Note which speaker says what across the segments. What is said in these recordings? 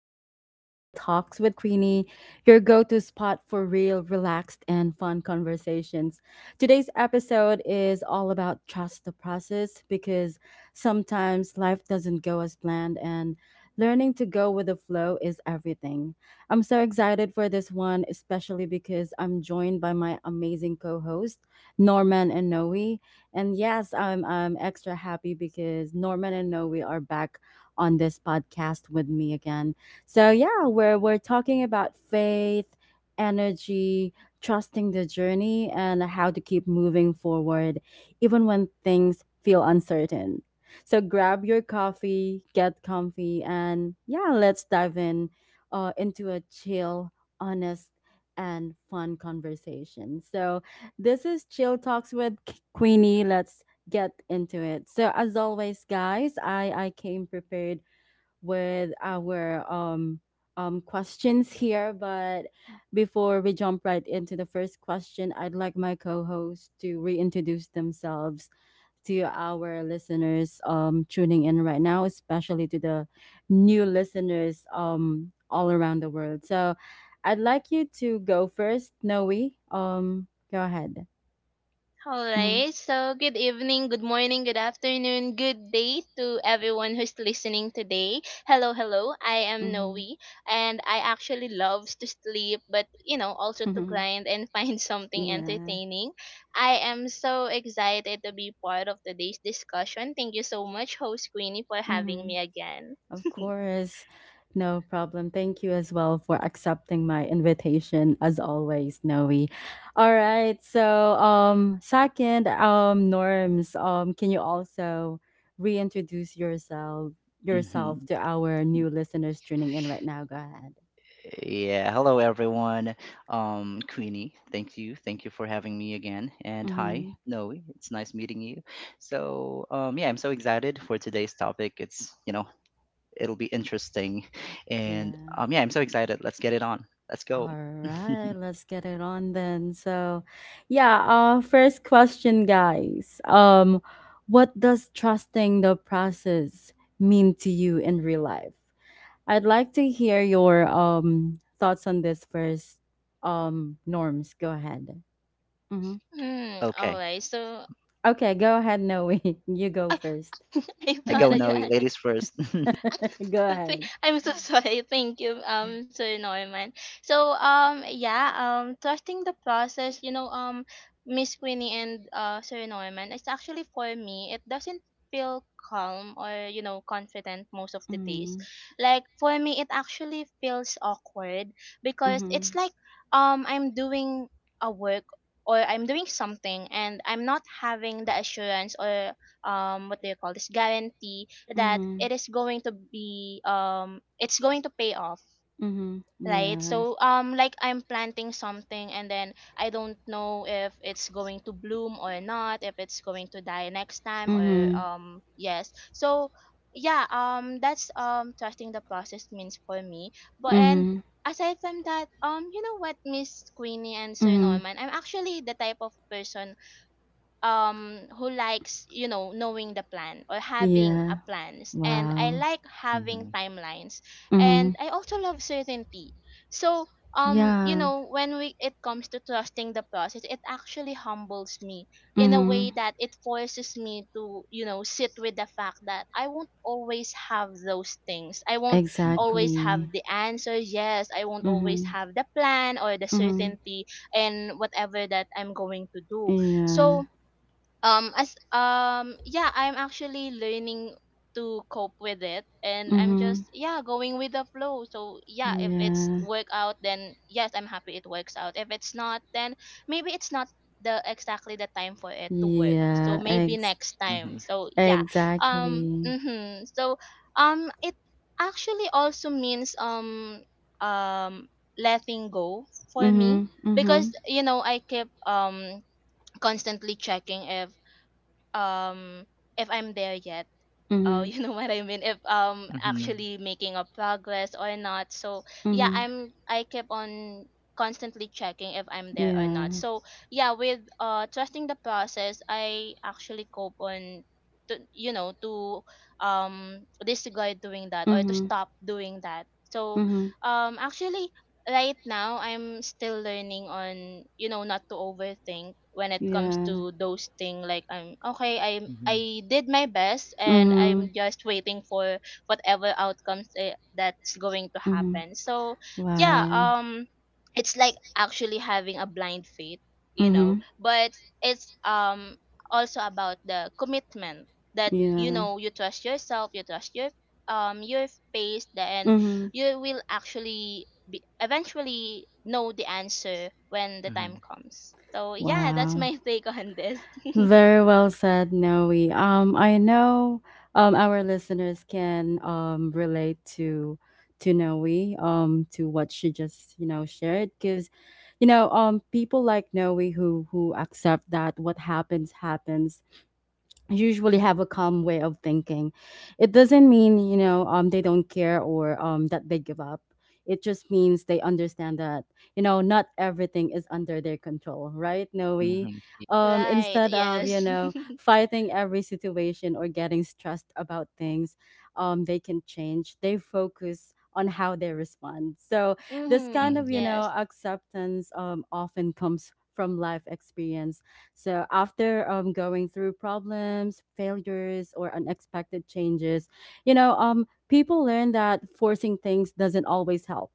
Speaker 1: in to Chill Talks with Queenie, your go to spot for real, relaxed, and fun conversations. Today's episode is all about trust the process because sometimes life doesn't go as planned, and learning to go with the flow is everything. I'm so excited for this one, especially because I'm joined by my amazing co host, Norman and Noe. And yes, I'm extra happy because Norman and Noe are back on this podcast with me again. So yeah, we're talking about faith, energy, trusting the journey, and how to keep moving forward even when things feel uncertain. So grab your coffee, get comfy, and yeah, let's dive in into a chill, honest, and fun conversation. So this is Chill Talks with Queenie. Let's get into it. So as always, guys, I came prepared with our questions here, but before we jump right into the first question, I'd like my co-host to reintroduce themselves to our listeners tuning in right now, especially to the new listeners all around the world. So I'd like you to go first, Noe. Go ahead.
Speaker 2: All
Speaker 1: Hmm.
Speaker 2: right. So, good evening, good morning, good afternoon, good day to everyone who's listening today. Hello, hello. I am Noe,
Speaker 1: Hmm.
Speaker 2: and I actually loves to sleep, but also to grind and find something
Speaker 1: Yeah.
Speaker 2: entertaining. I am so excited to be part of today's discussion. Thank you so much, host Queenie, for having
Speaker 1: Hmm.
Speaker 2: me again.
Speaker 1: Of course. No problem. Thank you as well for accepting my invitation as always, Noe. All right. So, second, Norms, can you also reintroduce yourself
Speaker 3: Mhm.
Speaker 1: to our new listeners tuning in right now? Go ahead.
Speaker 3: Yeah, hello everyone. Queenie, thank you for having me again. And hi,
Speaker 1: Mhm.
Speaker 3: Noe, it's nice meeting you. So, yeah, I'm so excited for today's topic. It's it'll be interesting, and
Speaker 1: Yeah.
Speaker 3: yeah, I'm so excited. Let's get it on. Let's go.
Speaker 1: All right, let's get it on then. So, yeah, first question, guys. What does trusting the process mean to you in real life? I'd like to hear your thoughts on this first. Norms, go ahead. Mhm.
Speaker 2: Hmm. All
Speaker 3: Okay.
Speaker 2: right. So
Speaker 1: Okay, go ahead, Noe. You go first.
Speaker 2: I
Speaker 3: Yeah,
Speaker 2: thought
Speaker 3: go
Speaker 1: Okay,
Speaker 2: that you
Speaker 3: Noe,
Speaker 2: asked.
Speaker 3: ladies first.
Speaker 1: go ahead.
Speaker 2: I'm so sorry. Thank you, Sir Norman. So, trusting the process, Miss Queenie and Sir Norman, it's actually for me, it doesn't feel calm or confident most of the days.
Speaker 1: Mhm.
Speaker 2: Like for me, it actually feels awkward because it's
Speaker 1: Mhm.
Speaker 2: like I'm doing a work or I'm doing something, and I'm not having the assurance or what do you call this, guarantee that
Speaker 1: Mhm.
Speaker 2: it is going to be it's going to pay off,
Speaker 1: Mhm.
Speaker 2: right?
Speaker 1: Yeah.
Speaker 2: So like I'm planting something, and then I don't know if it's going to bloom or not, if it's going to die next time, or
Speaker 1: Mhm.
Speaker 2: yes. So yeah, that's trusting the process means for me. But and
Speaker 1: Mhm.
Speaker 2: aside from that, you know what, Miss Queenie and Sir
Speaker 1: Mhm.
Speaker 2: Norman, I'm actually the type of person who likes, knowing the plan or having a
Speaker 1: Yeah.
Speaker 2: plans, and I
Speaker 1: Wow.
Speaker 2: like having
Speaker 3: Mm-hmm.
Speaker 2: timelines, and
Speaker 1: Mhm.
Speaker 2: I also love certainty. So
Speaker 1: Yeah.
Speaker 2: when we it comes to trusting the process, it actually humbles me in a way
Speaker 1: Mhm.
Speaker 2: that it forces me to, sit with the fact that I won't always have those things. I won't
Speaker 3: Mm-hmm.
Speaker 2: always have
Speaker 1: Exactly.
Speaker 2: the answer. Yes, I won't always
Speaker 1: Mhm.
Speaker 2: have the plan or the
Speaker 1: Mhm.
Speaker 2: certainty and whatever that I'm going to do.
Speaker 1: Yeah.
Speaker 2: So as yeah, I'm actually learning to cope with it, and I'm
Speaker 1: Mhm.
Speaker 2: just, yeah, going with the flow. So yeah, if it's
Speaker 1: Yeah.
Speaker 2: work out, then yes, I'm happy it works out. If it's not, then maybe it's not the exactly the time for it to work. So
Speaker 1: Yeah.
Speaker 2: maybe next time. So yeah.
Speaker 1: Exactly.
Speaker 2: Mm-hmm. So it actually also means, um letting go for me,
Speaker 1: Mhm.
Speaker 2: because
Speaker 1: Mhm.
Speaker 2: I keep constantly checking um if I'm there yet.
Speaker 1: Mhm.
Speaker 2: You know what I mean? If
Speaker 3: Mm-hmm.
Speaker 2: actually making a progress or not. So yeah,
Speaker 1: Mhm.
Speaker 2: I keep on constantly checking if I'm there or not.
Speaker 1: Yeah.
Speaker 2: So yeah, with trusting the process, I actually cope on to, to disregard doing that or to
Speaker 1: Mhm.
Speaker 2: stop doing that. So
Speaker 1: Mhm.
Speaker 2: actually right now I'm still learning on, not to overthink when it comes
Speaker 1: Yeah.
Speaker 2: to those things. Like I'm okay, I'm
Speaker 3: Mm-hmm.
Speaker 2: I did my best, and
Speaker 1: Mhm.
Speaker 2: I'm just waiting for whatever outcomes, eh, that's going to
Speaker 1: Mhm.
Speaker 2: happen. So yeah,
Speaker 1: Wow.
Speaker 2: it's like actually having a blind faith,
Speaker 1: Mhm.
Speaker 2: but it's also about the commitment that,
Speaker 1: Yeah.
Speaker 2: you trust yourself, you trust your pace, and
Speaker 1: Mhm.
Speaker 2: you will actually be eventually know the answer when the
Speaker 3: Mm-hmm.
Speaker 2: time comes. So yeah, that's
Speaker 1: Wow.
Speaker 2: my take on this.
Speaker 1: Very well said, Noe. I know our listeners can relate to Noe, to what she just shared, because people like Noe who accept that what happens happens usually have a calm way of thinking. It doesn't mean, they don't care or that they give up. It just means they understand that, you know, not everything is under their control, right, Noe?
Speaker 3: Mm-hmm.
Speaker 2: Right.
Speaker 1: Instead of
Speaker 2: Yes.
Speaker 1: fighting every situation or getting stressed about things, they can change. They focus on how they respond. So this kind
Speaker 2: Mhm.
Speaker 1: of
Speaker 2: Yes.
Speaker 1: acceptance often comes from life experience, so after going through problems, failures, or unexpected changes, people learn that forcing things doesn't always help.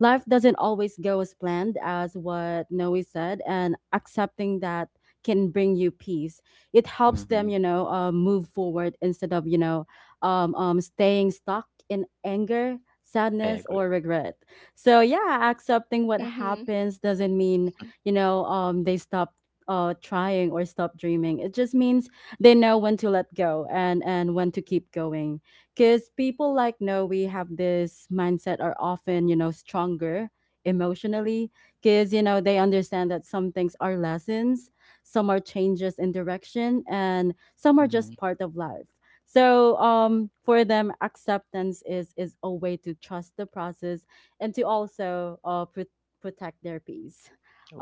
Speaker 1: Life doesn't always go as planned, as what Noe said, and accepting that can bring you peace. It helps
Speaker 3: Mm-hmm.
Speaker 1: them, move forward instead of, staying stuck in anger,
Speaker 3: I
Speaker 1: sadness,
Speaker 3: agree.
Speaker 1: or regret. So yeah, accepting what
Speaker 2: Mhm.
Speaker 1: happens doesn't mean they stop trying or stop dreaming. It just means they know when to let go and when to keep going, because people like no we have this mindset are often stronger emotionally, because they understand that some things are lessons, some are changes in direction, and some are
Speaker 3: Mm-hmm.
Speaker 1: just part of life. So for them, acceptance is a way to trust the process and to also protect their peace.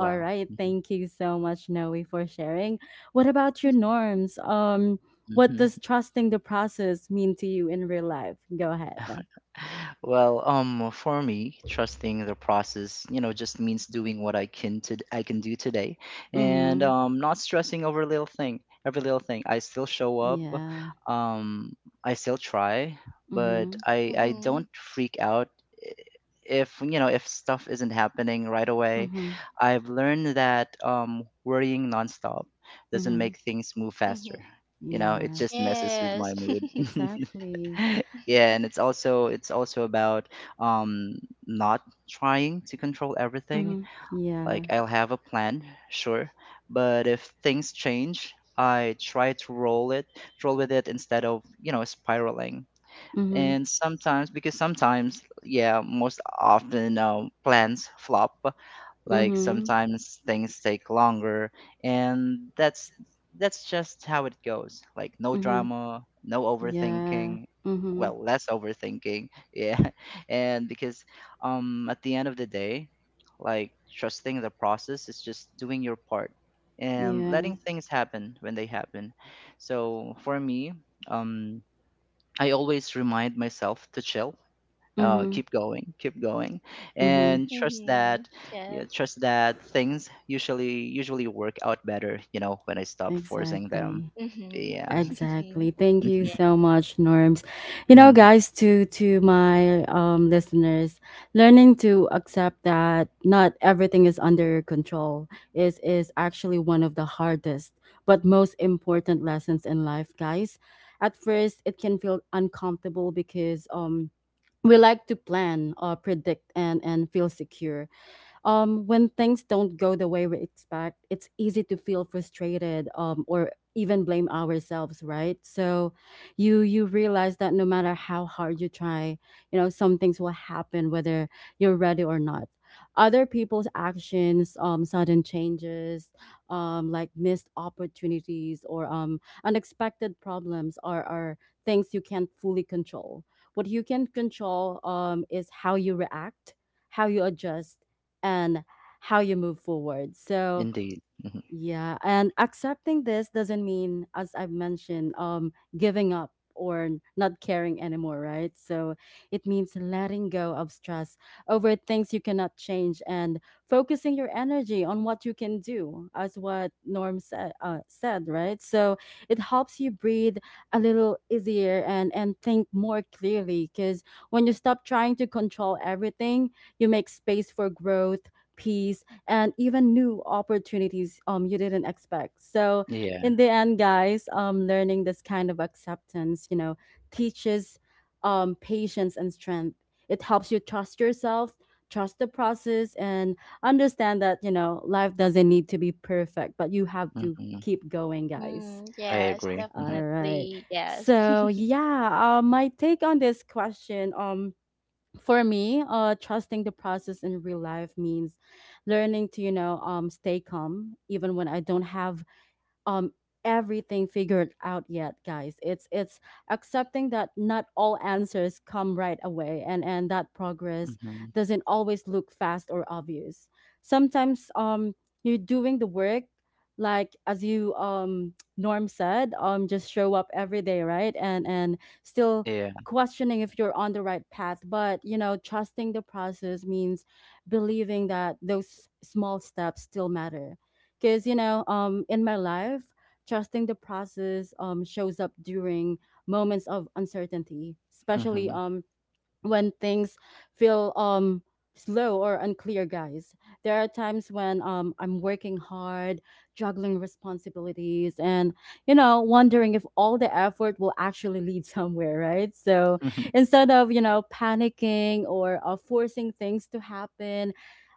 Speaker 1: All right, thank you so much, Noe, for sharing. What about your norms? What does
Speaker 3: Mm-hmm.
Speaker 1: trusting the process mean to you in real life? Go ahead.
Speaker 3: Well, for me, trusting the process, just means doing what I can to I can do today, and
Speaker 1: Mm-hmm.
Speaker 3: not stressing over little thing, every little thing. I still show up,
Speaker 1: Yeah.
Speaker 3: um, I still try, but
Speaker 1: Mm-hmm.
Speaker 3: I don't
Speaker 2: Mhm.
Speaker 3: freak out i- if if stuff isn't happening right away.
Speaker 1: Mm-hmm.
Speaker 3: I've learned that worrying nonstop doesn't
Speaker 1: Mm-hmm.
Speaker 3: make things move faster.
Speaker 2: Mhm.
Speaker 3: You know, it
Speaker 1: Yeah.
Speaker 3: just messes with
Speaker 2: Yes.
Speaker 3: my mood.
Speaker 1: Exactly.
Speaker 3: Yeah, and it's also about um not trying to control everything.
Speaker 1: Mm-hmm. Yeah.
Speaker 3: Like I'll have a plan, sure, but if things change, I try to roll with it instead of spiraling.
Speaker 1: Mm-hmm.
Speaker 3: And sometimes, because sometimes, yeah, most often, plans flop. Like
Speaker 1: Mm-hmm.
Speaker 3: sometimes things take longer, and that's just how it goes. Like no
Speaker 1: Mm-hmm.
Speaker 3: drama, no
Speaker 1: Yeah.
Speaker 3: overthinking,
Speaker 1: Mm-hmm.
Speaker 3: well, less overthinking. Yeah. And because at the end of the day, like trusting the process is just doing your part and
Speaker 1: Yeah.
Speaker 3: letting things happen when they happen. So for me, um I always remind myself to chill,
Speaker 1: Mm-hmm.
Speaker 3: keep going,
Speaker 1: Mm-hmm.
Speaker 3: and trust
Speaker 2: Mhm.
Speaker 3: that yeah,
Speaker 2: Yes.
Speaker 3: trust that things usually work out better, you know, when I stop forcing them.
Speaker 1: Exactly.
Speaker 2: Mhm.
Speaker 3: Yeah.
Speaker 1: Exactly. Thank you
Speaker 3: Mhm,
Speaker 2: Yeah.
Speaker 1: so much, Norms. You know,
Speaker 3: mhm,
Speaker 1: guys, to my listeners, learning to accept that not everything is under your control is actually one of the hardest but most important lessons in life, guys. At first, it can feel uncomfortable because we like to plan or predict and feel secure. When things don't go the way we expect, it's easy to feel frustrated or even blame ourselves, right? So you realize that no matter how hard you try, you know, some things will happen whether you're ready or not. Other people's actions, sudden changes, like missed opportunities or unexpected problems are things you can't fully control. What you can control is how you react, how you adjust, and how you move forward. So,
Speaker 3: indeed. Hmm,
Speaker 1: yeah, and accepting this doesn't mean, as I've mentioned, giving up or not caring anymore, right? So it means letting go of stress over things you cannot change, and focusing your energy on what you can do, as what Norm said, right? So it helps you breathe a little easier and think more clearly, because when you stop trying to control everything, you make space for growth, peace, and even new opportunities you didn't expect. So
Speaker 3: yeah.
Speaker 1: in the end, guys, learning this kind of acceptance, you know, teaches patience and strength. It helps you trust yourself, trust the process, and understand that, you know, life doesn't need to be perfect, but you have to
Speaker 3: Hmm,
Speaker 1: keep going, guys.
Speaker 2: Mm,
Speaker 3: I
Speaker 2: yes,
Speaker 3: agree.
Speaker 1: All
Speaker 3: Hmm.
Speaker 1: right.
Speaker 2: definitely. Yes.
Speaker 1: So yeah, my take on this question. For me, trusting the process in real life means learning to, you know, stay calm even when I don't have um everything figured out yet, guys. It's accepting that not all answers come right away, and that progress
Speaker 3: Hmm,
Speaker 1: doesn't always look fast or obvious. Sometimes you're doing the work, like as you Norm said, just show up every day, right, and still
Speaker 3: yeah.
Speaker 1: questioning if you're on the right path. But trusting the process means believing that those small steps still matter, because in my life, trusting the process shows up during moments of uncertainty,
Speaker 3: Hmm.
Speaker 1: especially
Speaker 3: Hmm.
Speaker 1: when things feel slow or unclear, guys. There are times when I'm working hard, juggling responsibilities, and wondering if all the effort will actually lead somewhere, right? So instead of panicking or forcing things to happen,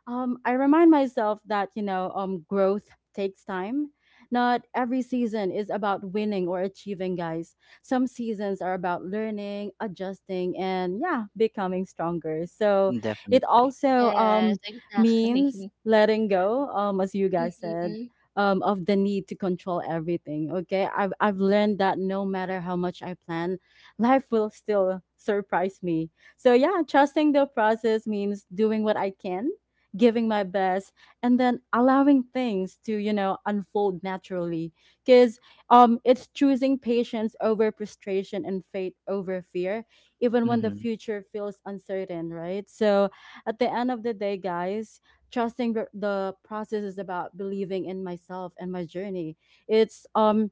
Speaker 1: I remind myself that growth takes time. Not every season is about winning or achieving, guys. Some seasons are about learning, adjusting, and yeah, becoming stronger. So it
Speaker 3: Definitely.
Speaker 1: also
Speaker 2: Yes,
Speaker 1: means
Speaker 2: exactly.
Speaker 1: letting go, as you guys said.
Speaker 2: Mhm.
Speaker 1: Of the need to control everything. Okay. I've learned that no matter how much I plan, life will still surprise me. So, yeah, trusting the process means doing what I can, giving my best, and then allowing things to, you know, unfold naturally. Because it's choosing patience over frustration and faith over fear, even when the
Speaker 3: Hmm,
Speaker 1: future feels uncertain, right? So, at the end of the day, guys, trusting the process is about believing in myself and my journey. It's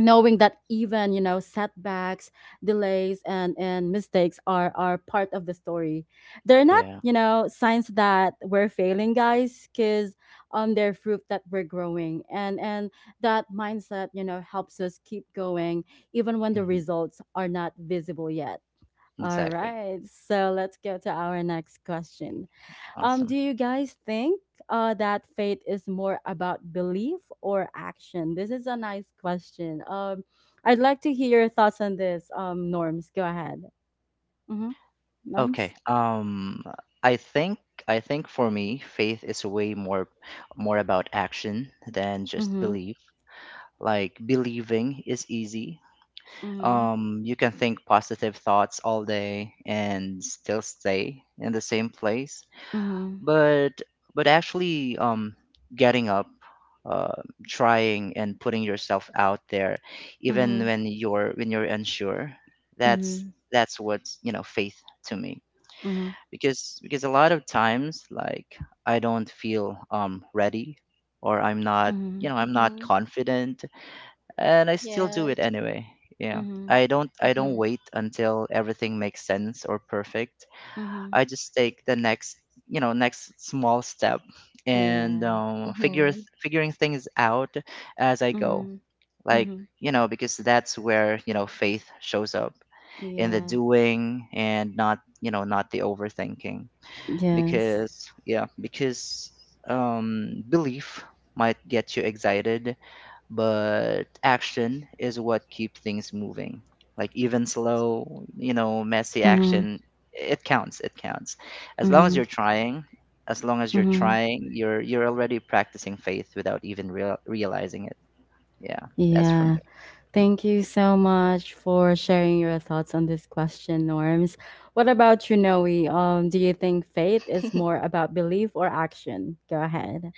Speaker 1: knowing that even setbacks, delays, and mistakes are part of the story. They're not
Speaker 3: yeah.
Speaker 1: signs that we're failing, guys, because they're proof that we're growing, and that mindset helps us keep going even when the
Speaker 3: Hmm.
Speaker 1: results are not visible yet. All
Speaker 3: Exactly.
Speaker 1: right, so let's go to our next question.
Speaker 3: Awesome.
Speaker 1: Do you guys think that faith is more about belief or action? This is a nice question. I'd like to hear your thoughts on this, Norms. Go ahead. Mm-hmm. Norms?
Speaker 3: Okay, I think, I think for me faith is way more about action than just
Speaker 1: Mm-hmm.
Speaker 3: belief. Like believing is easy.
Speaker 1: Mm-hmm.
Speaker 3: You can think positive thoughts all day and still stay in the same place,
Speaker 1: Mm-hmm.
Speaker 3: but actually, getting up, uh, trying and putting yourself out there even
Speaker 1: Mm-hmm.
Speaker 3: when you're unsure, that's
Speaker 1: Mm-hmm.
Speaker 3: that's what, you know, faith to me.
Speaker 1: Mm-hmm.
Speaker 3: Because a lot of times, like I don't feel ready, or I'm not, you
Speaker 1: Mm-hmm.
Speaker 3: know, I'm not
Speaker 2: Mhm.
Speaker 3: confident, and I still do it
Speaker 2: Yes.
Speaker 3: anyway. Yeah.
Speaker 1: Mm-hmm.
Speaker 3: I don't
Speaker 2: Mhm.
Speaker 3: wait until everything makes sense or perfect.
Speaker 1: Mm-hmm.
Speaker 3: I just take the next, you know, next small step and
Speaker 1: Yeah.
Speaker 3: figure,
Speaker 2: Mhm.
Speaker 3: figuring things out as I go.
Speaker 1: Mm-hmm.
Speaker 3: Like,
Speaker 1: Mm-hmm.
Speaker 3: you know, because that's where, you know, faith shows up in the
Speaker 1: Yeah.
Speaker 3: doing and not, you know, not the overthinking.
Speaker 1: Yes.
Speaker 3: Because yeah, because belief might get you excited, but action is what keeps things moving. Like even slow, you know, messy
Speaker 1: Mm-hmm.
Speaker 3: action, It counts. As long
Speaker 1: Mm-hmm.
Speaker 3: as you're trying, as long as you're
Speaker 1: Mm-hmm.
Speaker 3: trying, you're already practicing faith without even realizing it. Yeah, that's for
Speaker 1: Yeah.
Speaker 3: me.
Speaker 1: Thank you so much for sharing your thoughts on this question, Norms. What about you, Noe? Do you think faith is more about belief or action? Go ahead.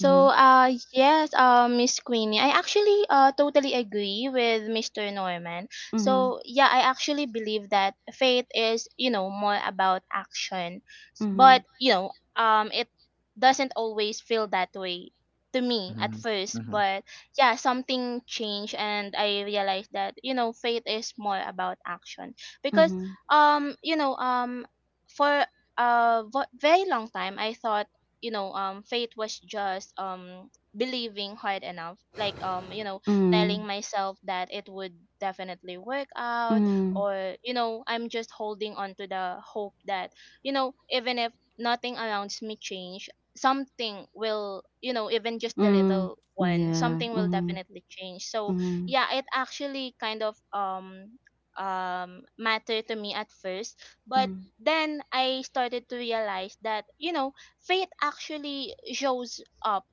Speaker 1: Mm-hmm.
Speaker 2: yes, Miss Queenie, I actually totally agree with Mr. Norman.
Speaker 1: Mm-hmm.
Speaker 2: So, yeah, I actually believe that faith is, more about action.
Speaker 1: Mm-hmm.
Speaker 2: But, it doesn't always feel that way to
Speaker 3: Mm.
Speaker 2: me at
Speaker 3: Mhm.
Speaker 2: first.
Speaker 3: Mhm.
Speaker 2: But, yeah, something changed and I realized that, faith is more about action. Because,
Speaker 1: Mm-hmm.
Speaker 2: um, you know, um, for a very long time, I thought, faith was just believing hard enough, like, telling
Speaker 1: Mm,
Speaker 2: myself that it would definitely work out,
Speaker 1: mm,
Speaker 2: or, I'm just holding on to the hope that, even if nothing around me change, something will, even just the
Speaker 1: mm,
Speaker 2: little one,
Speaker 1: yeah,
Speaker 2: something will
Speaker 1: mm,
Speaker 2: definitely change. So
Speaker 1: mm,
Speaker 2: yeah, it actually kind of matter to me at first. But
Speaker 1: mm,
Speaker 2: then I started to realize that, faith actually shows up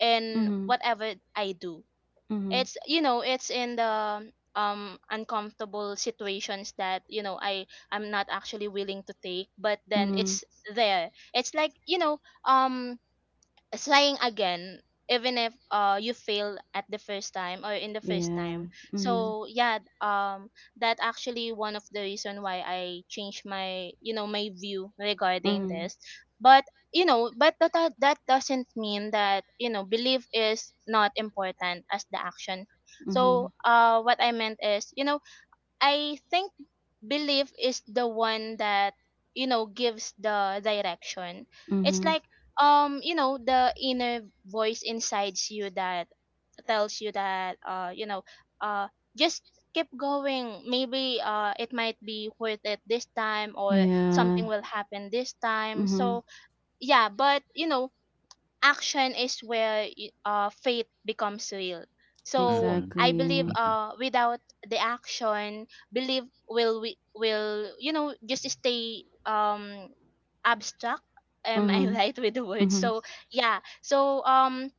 Speaker 2: in
Speaker 1: mm,
Speaker 2: whatever I do.
Speaker 1: mm,
Speaker 2: It's in the uncomfortable situations that, I'm not actually willing to take, but then
Speaker 1: mm,
Speaker 2: it's there. It's like, trying again, even if you fail at the first time or in the first
Speaker 1: yeah,
Speaker 2: time.
Speaker 1: mm,
Speaker 2: So yeah, that actually one of the reason why I changed my you know my view regarding
Speaker 1: mm,
Speaker 2: this. But that doesn't mean that, belief is not important as the action. So
Speaker 1: mm,
Speaker 2: what I meant is, I think belief is the one that, gives the direction. It's
Speaker 1: mm,
Speaker 2: like, the inner voice inside you that tells you that, uh just keep going. Maybe it might be worth it this time, or
Speaker 1: yeah,
Speaker 2: something will happen this time.
Speaker 1: mm,
Speaker 2: So yeah, but, action is where faith becomes real. So
Speaker 3: Mhm.
Speaker 2: I believe,
Speaker 1: exactly,
Speaker 3: Mhm,
Speaker 2: without the action, belief will just stay abstract. Am I
Speaker 1: mm,
Speaker 2: right with the words?
Speaker 1: mm,
Speaker 2: So yeah. So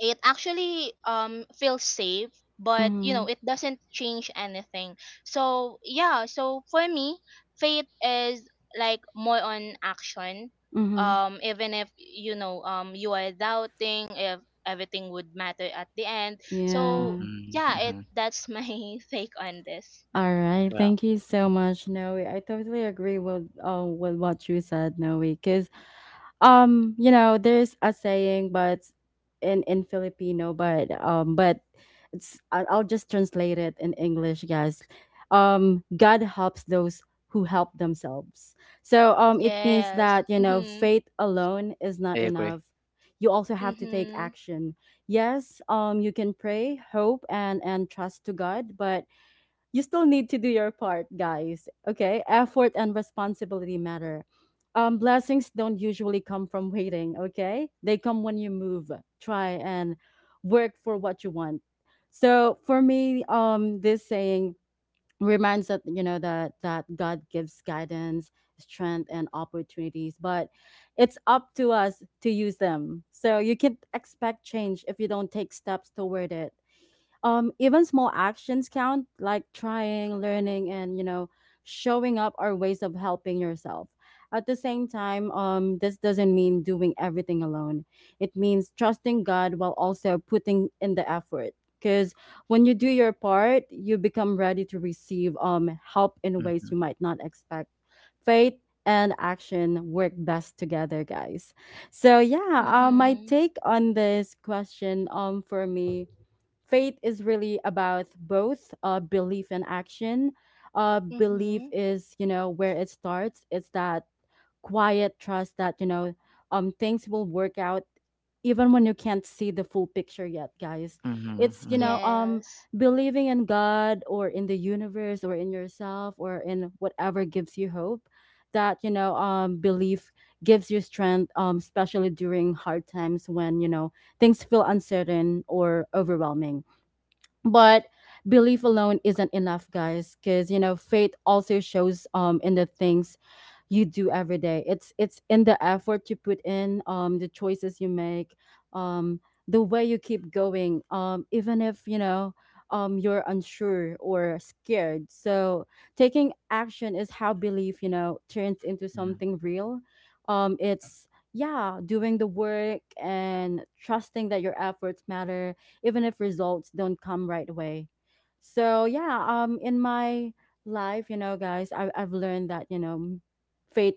Speaker 2: it actually feels safe, but,
Speaker 1: mm,
Speaker 2: it doesn't change anything. So yeah, so for me, faith is like more on action,
Speaker 1: mm.
Speaker 2: even if, you are doubting if everything would matter at the end. So
Speaker 1: Yeah.
Speaker 3: mhm,
Speaker 2: yeah, it
Speaker 3: mhm.
Speaker 2: that's my take on this.
Speaker 1: All right.
Speaker 3: Well,
Speaker 1: Thank you so much, Noe. I totally agree with with what you said, Noe. Because there's a saying, but in Filipino, but it's I'll just translate it in English, guys. God helps those who help themselves. So it means
Speaker 2: Yes.
Speaker 1: that, you know,
Speaker 2: Mhm.
Speaker 1: faith alone is not
Speaker 3: I agree.
Speaker 1: enough. You also have to take
Speaker 2: Mhm.
Speaker 1: action. Yes, you can pray, hope, and trust to God, but you still need to do your part, guys. Okay? Effort and responsibility matter. Blessings don't usually come from waiting, okay? They come when you move, try, and work for what you want. So for me, this saying reminds that you know that that God gives guidance, strength, and opportunities, but it's up to us to use them. So you can't expect change if you don't take steps toward it. Even small actions count, like trying, learning, and showing up are ways of helping yourself. At the same time, this doesn't mean doing everything alone. It means trusting God while also putting in the effort. Because when you do your part, you become ready to receive help in ways
Speaker 3: Mhm,
Speaker 1: you might not expect. Faith and action work best together, guys. So yeah, my
Speaker 2: Mhm.
Speaker 1: take on this question, for me, faith is really about both belief and action. Belief
Speaker 2: Mhm.
Speaker 1: is where it starts. It's that quiet trust that things will work out even when you can't see the full picture yet, guys.
Speaker 3: mhm,
Speaker 1: it's you know
Speaker 3: mhm,
Speaker 1: um
Speaker 2: Yes.
Speaker 1: believing in God or in the universe or in yourself or in whatever gives you hope. That you know Belief gives you strength, especially during hard times when things feel uncertain or overwhelming. But belief alone isn't enough, guys, because faith also shows in the things you do every day. It's in the effort you put in, the choices you make, um the way you keep going, even if you're unsure or scared. So taking action is how belief, turns into
Speaker 3: mhm,
Speaker 1: something real. It's Yeah, doing the work and trusting that your efforts matter, even if results don't come right away. So yeah, in my life, guys, I've learned that faith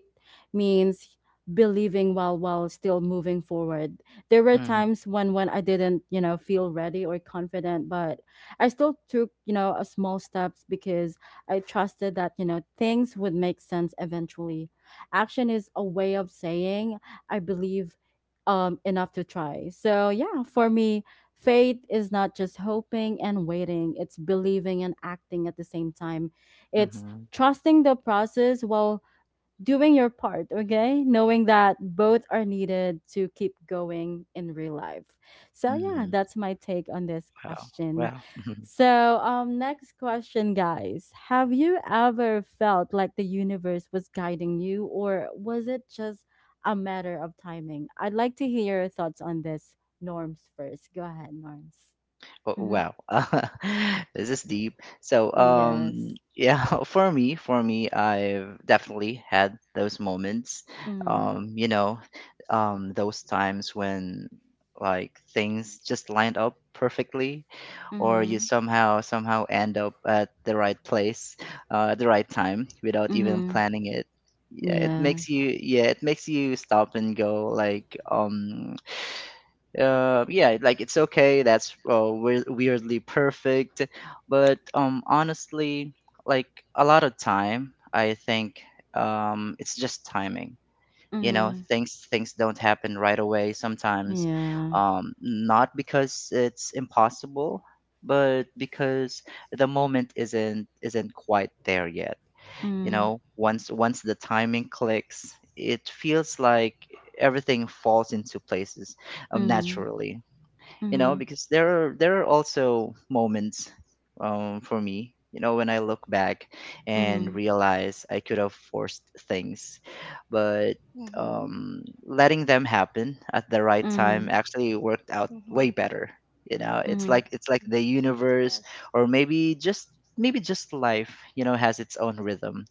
Speaker 1: means believing while still moving forward. There were
Speaker 3: mhm,
Speaker 1: times when I didn't feel ready or confident, but I still took, a small steps because I trusted that things would make sense eventually. Action is a way of saying I believe enough to try. So yeah, for me, faith is not just hoping and waiting, it's believing and acting at the same time. It's
Speaker 3: mhm,
Speaker 1: trusting the process while doing your part, okay? Knowing that both are needed to keep going in real life. So yeah,
Speaker 3: mhm.
Speaker 1: that's my take on this
Speaker 3: Well,
Speaker 1: question.
Speaker 3: well.
Speaker 1: So, next question, guys, have you ever felt like the universe was guiding you, or was it just a matter of timing? I'd like to hear your thoughts on this, Norms first. Go ahead, Norms.
Speaker 3: Oh,
Speaker 1: Mhm.
Speaker 3: wow. This is deep. So
Speaker 1: Yes.
Speaker 3: yeah, for me, for me, I've definitely had those moments,
Speaker 1: Mhm.
Speaker 3: you know, those times when, like, things just lined up perfectly, or you
Speaker 1: Mhm.
Speaker 3: somehow end up at the right place, at the right time without even
Speaker 1: Mhm.
Speaker 3: planning it. Yeah, it
Speaker 1: Yeah.
Speaker 3: makes you yeah it makes you stop and go like, yeah, like it's okay. That's, weirdly perfect, but honestly, like a lot of time, I think, it's just timing. You know,
Speaker 1: Mhm.
Speaker 3: things don't happen right away sometimes.
Speaker 1: Yeah.
Speaker 3: Not because it's impossible, but because the moment isn't quite there yet. You
Speaker 1: Mm-hmm.
Speaker 3: know, once the timing clicks, it feels like everything falls into places
Speaker 1: Mhm,
Speaker 3: naturally. You know,
Speaker 1: mhm,
Speaker 3: because there are, there are also moments, for me, you know, when I look back and
Speaker 1: mhm,
Speaker 3: realize I could have forced things, but
Speaker 2: Mhm.
Speaker 3: letting them happen at the right time
Speaker 1: mhm,
Speaker 3: actually worked out way
Speaker 2: Mhm.
Speaker 3: better. You know,
Speaker 1: mhm.
Speaker 3: it's like the
Speaker 2: Mhm.
Speaker 3: universe,
Speaker 2: Yes.
Speaker 3: or maybe just, maybe just life, you know, has its own rhythm,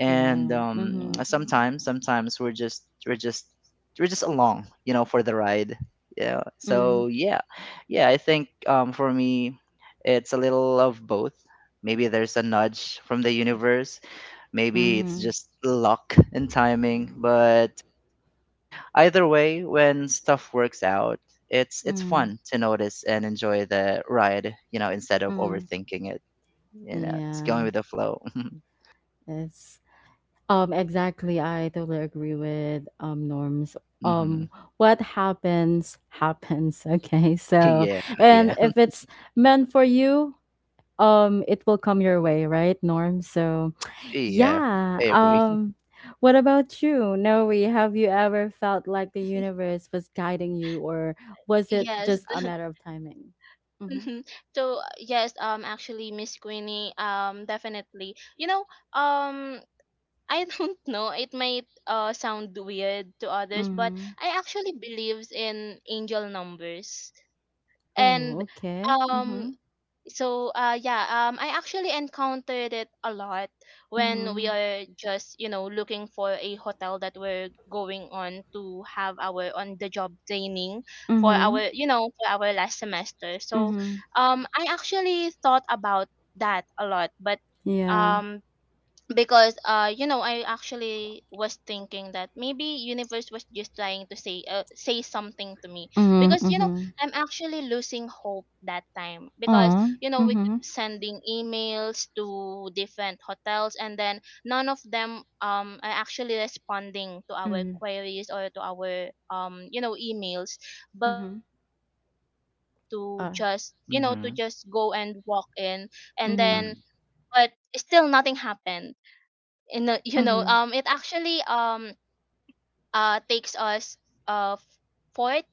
Speaker 3: and
Speaker 1: Wow. Mhm,
Speaker 2: Mhm.
Speaker 3: sometimes, sometimes we're just along, you know, for the ride. Yeah,
Speaker 1: mm,
Speaker 3: so yeah, yeah, I think, for me, it's a little of both. Maybe there's a nudge from the universe, maybe it's
Speaker 1: mhm,
Speaker 3: just luck and timing, but either way, when stuff works out, it's
Speaker 1: mm,
Speaker 3: fun to notice and enjoy the ride, you know, instead of
Speaker 1: mm.
Speaker 3: overthinking it. You know, it's going
Speaker 1: Yeah,
Speaker 3: with the flow.
Speaker 1: it's exactly. I totally agree with Norms.
Speaker 3: Hmm.
Speaker 1: Um, what happens happens. Okay, so
Speaker 3: Yeah. Yeah,
Speaker 1: and if it's meant for you, it will come your way, right, Norm? So
Speaker 3: Yeah,
Speaker 1: yeah,
Speaker 3: I agree.
Speaker 1: what about you, Noe? Have you ever felt like the universe was guiding you, or was it
Speaker 2: Yes.
Speaker 1: just a matter of timing? Mm-hmm.
Speaker 2: Mhm. So yes, actually, Miss Queenie, definitely. Um I don't know, it might sound weird to others, but
Speaker 1: Mm-hmm.
Speaker 2: I actually believes in angel numbers.
Speaker 1: Oh,
Speaker 2: And
Speaker 1: okay. Mm-hmm.
Speaker 2: um so, yeah, I actually encountered it a lot when we
Speaker 1: Mm-hmm.
Speaker 2: are just, looking for a hotel that we're going on to have our on the job training for
Speaker 1: Mm-hmm.
Speaker 2: our you know for our last semester. So
Speaker 1: Mm-hmm.
Speaker 2: I actually thought about that a lot. But
Speaker 1: Yeah.
Speaker 2: um because, I actually was thinking that maybe universe was just trying to say, say something to me,
Speaker 1: Mm-hmm.
Speaker 2: because,
Speaker 1: Mm-hmm.
Speaker 2: I'm actually losing hope that time, because,
Speaker 1: Oh.
Speaker 2: we kept
Speaker 1: Mm-hmm.
Speaker 2: sending emails to different hotels, and then none of them are actually responding to our
Speaker 1: Mm-hmm.
Speaker 2: queries or to our, emails. But
Speaker 1: Mm-hmm.
Speaker 2: then we decided to just,
Speaker 1: Uh.
Speaker 2: to just
Speaker 3: Mhm.
Speaker 2: go and walk in. And then
Speaker 1: Mm-hmm.
Speaker 3: Mhm.
Speaker 2: but still nothing happened. You know you know
Speaker 1: Mm-hmm.
Speaker 2: it actually takes us uh f- fourth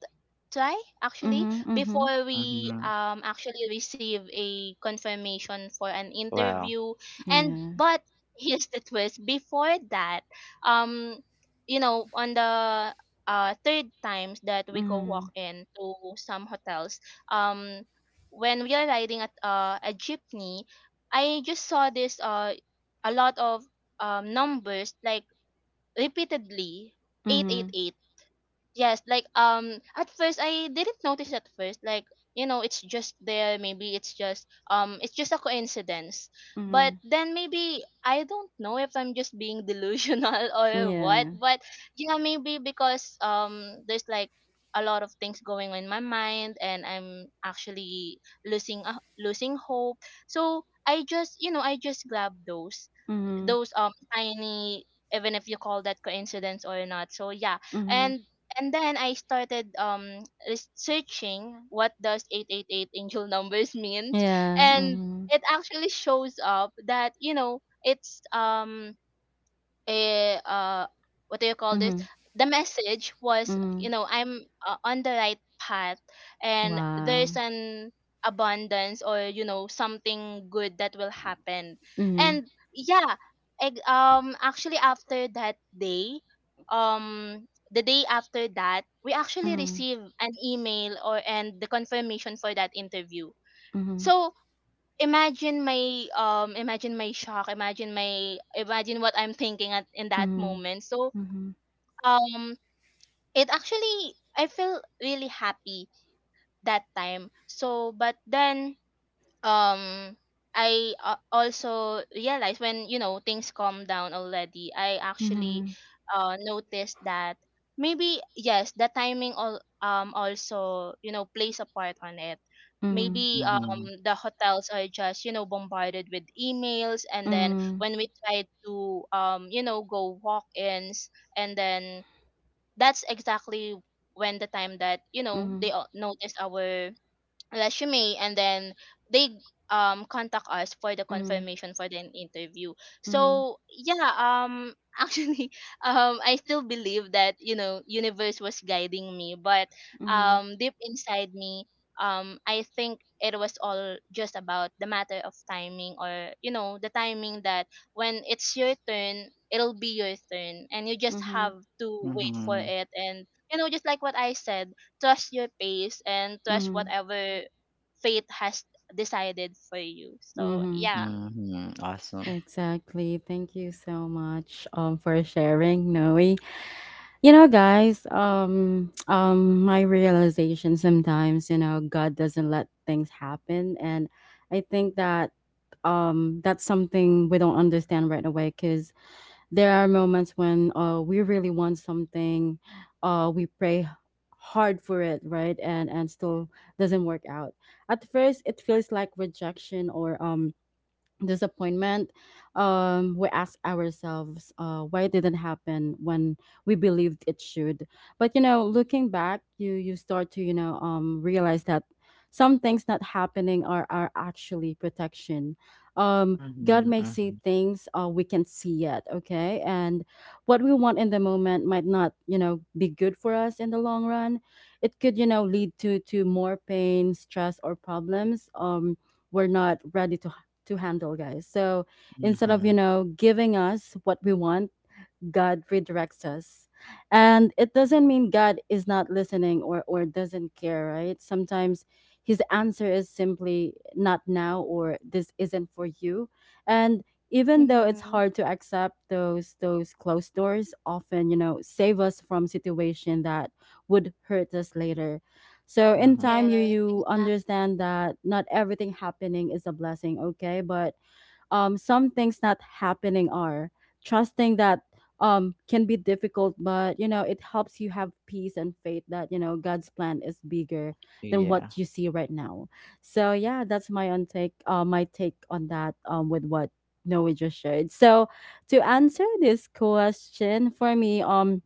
Speaker 2: try, actually,
Speaker 1: Mm-hmm. Mm-hmm.
Speaker 2: before we
Speaker 3: Mhm.
Speaker 2: actually receive a confirmation for an
Speaker 3: Wow.
Speaker 2: interview. And
Speaker 1: Yeah.
Speaker 2: but here's the twist. Before that, um on the third times that we go
Speaker 1: Mm-hmm.
Speaker 2: walk in to some hotels, um when we are riding at, a jeepney, I just saw this a lot of numbers, like, repeatedly,
Speaker 1: Mm-hmm.
Speaker 2: 888. Yes, like, at first I didn't notice at first, like, it's just there, maybe it's just a coincidence. But
Speaker 1: Mm-hmm.
Speaker 2: then maybe I don't know if I'm just being delusional or what.
Speaker 1: Yeah.
Speaker 2: But yeah, maybe because, there's like a lot of things going on in my mind, and I'm actually losing hope. So I just grab those,
Speaker 1: Mm-hmm.
Speaker 2: tiny, even if you call that coincidence or not. So yeah.
Speaker 1: Mhm.
Speaker 2: And And then I started researching what does 888 angel numbers means.
Speaker 1: Yeah.
Speaker 2: And
Speaker 1: Mhm.
Speaker 2: it actually shows up that, it's a what do you call this,
Speaker 1: Mhm.
Speaker 2: the message was,
Speaker 1: Mhm.
Speaker 2: I'm, on the right path, and there's
Speaker 1: Wow.
Speaker 2: an abundance, or, something good that will happen,
Speaker 1: Mhm.
Speaker 2: and yeah. Actually, after that day, the day after that, we actually
Speaker 1: Mhm.
Speaker 2: received an email or and the confirmation for that interview.
Speaker 1: Mhm.
Speaker 2: So imagine my shock. Imagine what I'm thinking at in that
Speaker 1: Mhm.
Speaker 2: moment. So
Speaker 1: Mhm.
Speaker 2: um it actually, I feel really happy that time. So but then, um I, also realized when, things calm down already, I actually
Speaker 1: Mhm.
Speaker 2: noticed that maybe, yes, the timing all, also, plays a part on it.
Speaker 1: Mhm.
Speaker 2: Maybe
Speaker 3: Mhm.
Speaker 2: the hotels are just bombarded with emails, and then
Speaker 1: Mhm.
Speaker 2: when we try to go walk-ins, and then that's exactly when the time that they
Speaker 1: Mhm.
Speaker 2: notice our resume, and then they contact us for the
Speaker 1: Mhm.
Speaker 2: confirmation for the interview.
Speaker 1: Mhm.
Speaker 2: So yeah. Actually, I still believe that universe was guiding me, but deep inside me, I think it was all just about the matter of timing, or the timing that when it's your turn, it'll be your turn, and you
Speaker 1: Mhm.
Speaker 2: just
Speaker 1: Mhm.
Speaker 2: have to wait for
Speaker 3: Mhm.
Speaker 2: it. And just like what I said, trust your pace and trust
Speaker 1: Mhm.
Speaker 2: whatever fate has decided for you. So
Speaker 1: Mhm.
Speaker 2: yeah.
Speaker 3: Mhm. Awesome.
Speaker 1: Exactly. Thank you so much for sharing, Noe. You know, guys, my realization, sometimes, you know, God doesn't let things happen, and I think that that's something we don't understand right away because there are moments when we really want something. We pray hard for it, right? And still doesn't work out. At first it feels like rejection or disappointment. We ask ourselves why it didn't happen when we believed it should. But you know, looking back, you start to, you know, realize that some things not happening are actually protection. God
Speaker 3: Mhm.
Speaker 1: may see
Speaker 3: Mhm.
Speaker 1: things we can see yet, okay? And what we want in the moment might not, you know, be good for us in the long run. It could, you know, lead to more pain, stress, or problems we're not ready to handle, guys. So instead of, you
Speaker 3: Mhm.
Speaker 1: know, giving us what we want, God redirects us. And it doesn't mean God is not listening, or doesn't care, right? Sometimes his answer is simply not now or this isn't for you. And even though it's
Speaker 2: Mm-hmm.
Speaker 1: hard to accept, those closed doors often, you know, save us from situation that would hurt us later. So in
Speaker 3: Mhm.
Speaker 1: time, you
Speaker 2: Yes,
Speaker 1: you understand that not everything happening is a blessing, okay? But some things not happening are. Trusting that can be difficult, but you know, it helps you have peace and faith that, you know, God's plan is bigger than
Speaker 3: Yeah.
Speaker 1: what you see right now. So yeah, that's my on take, my take on that, with what Noe just shared. So to answer this question, for me,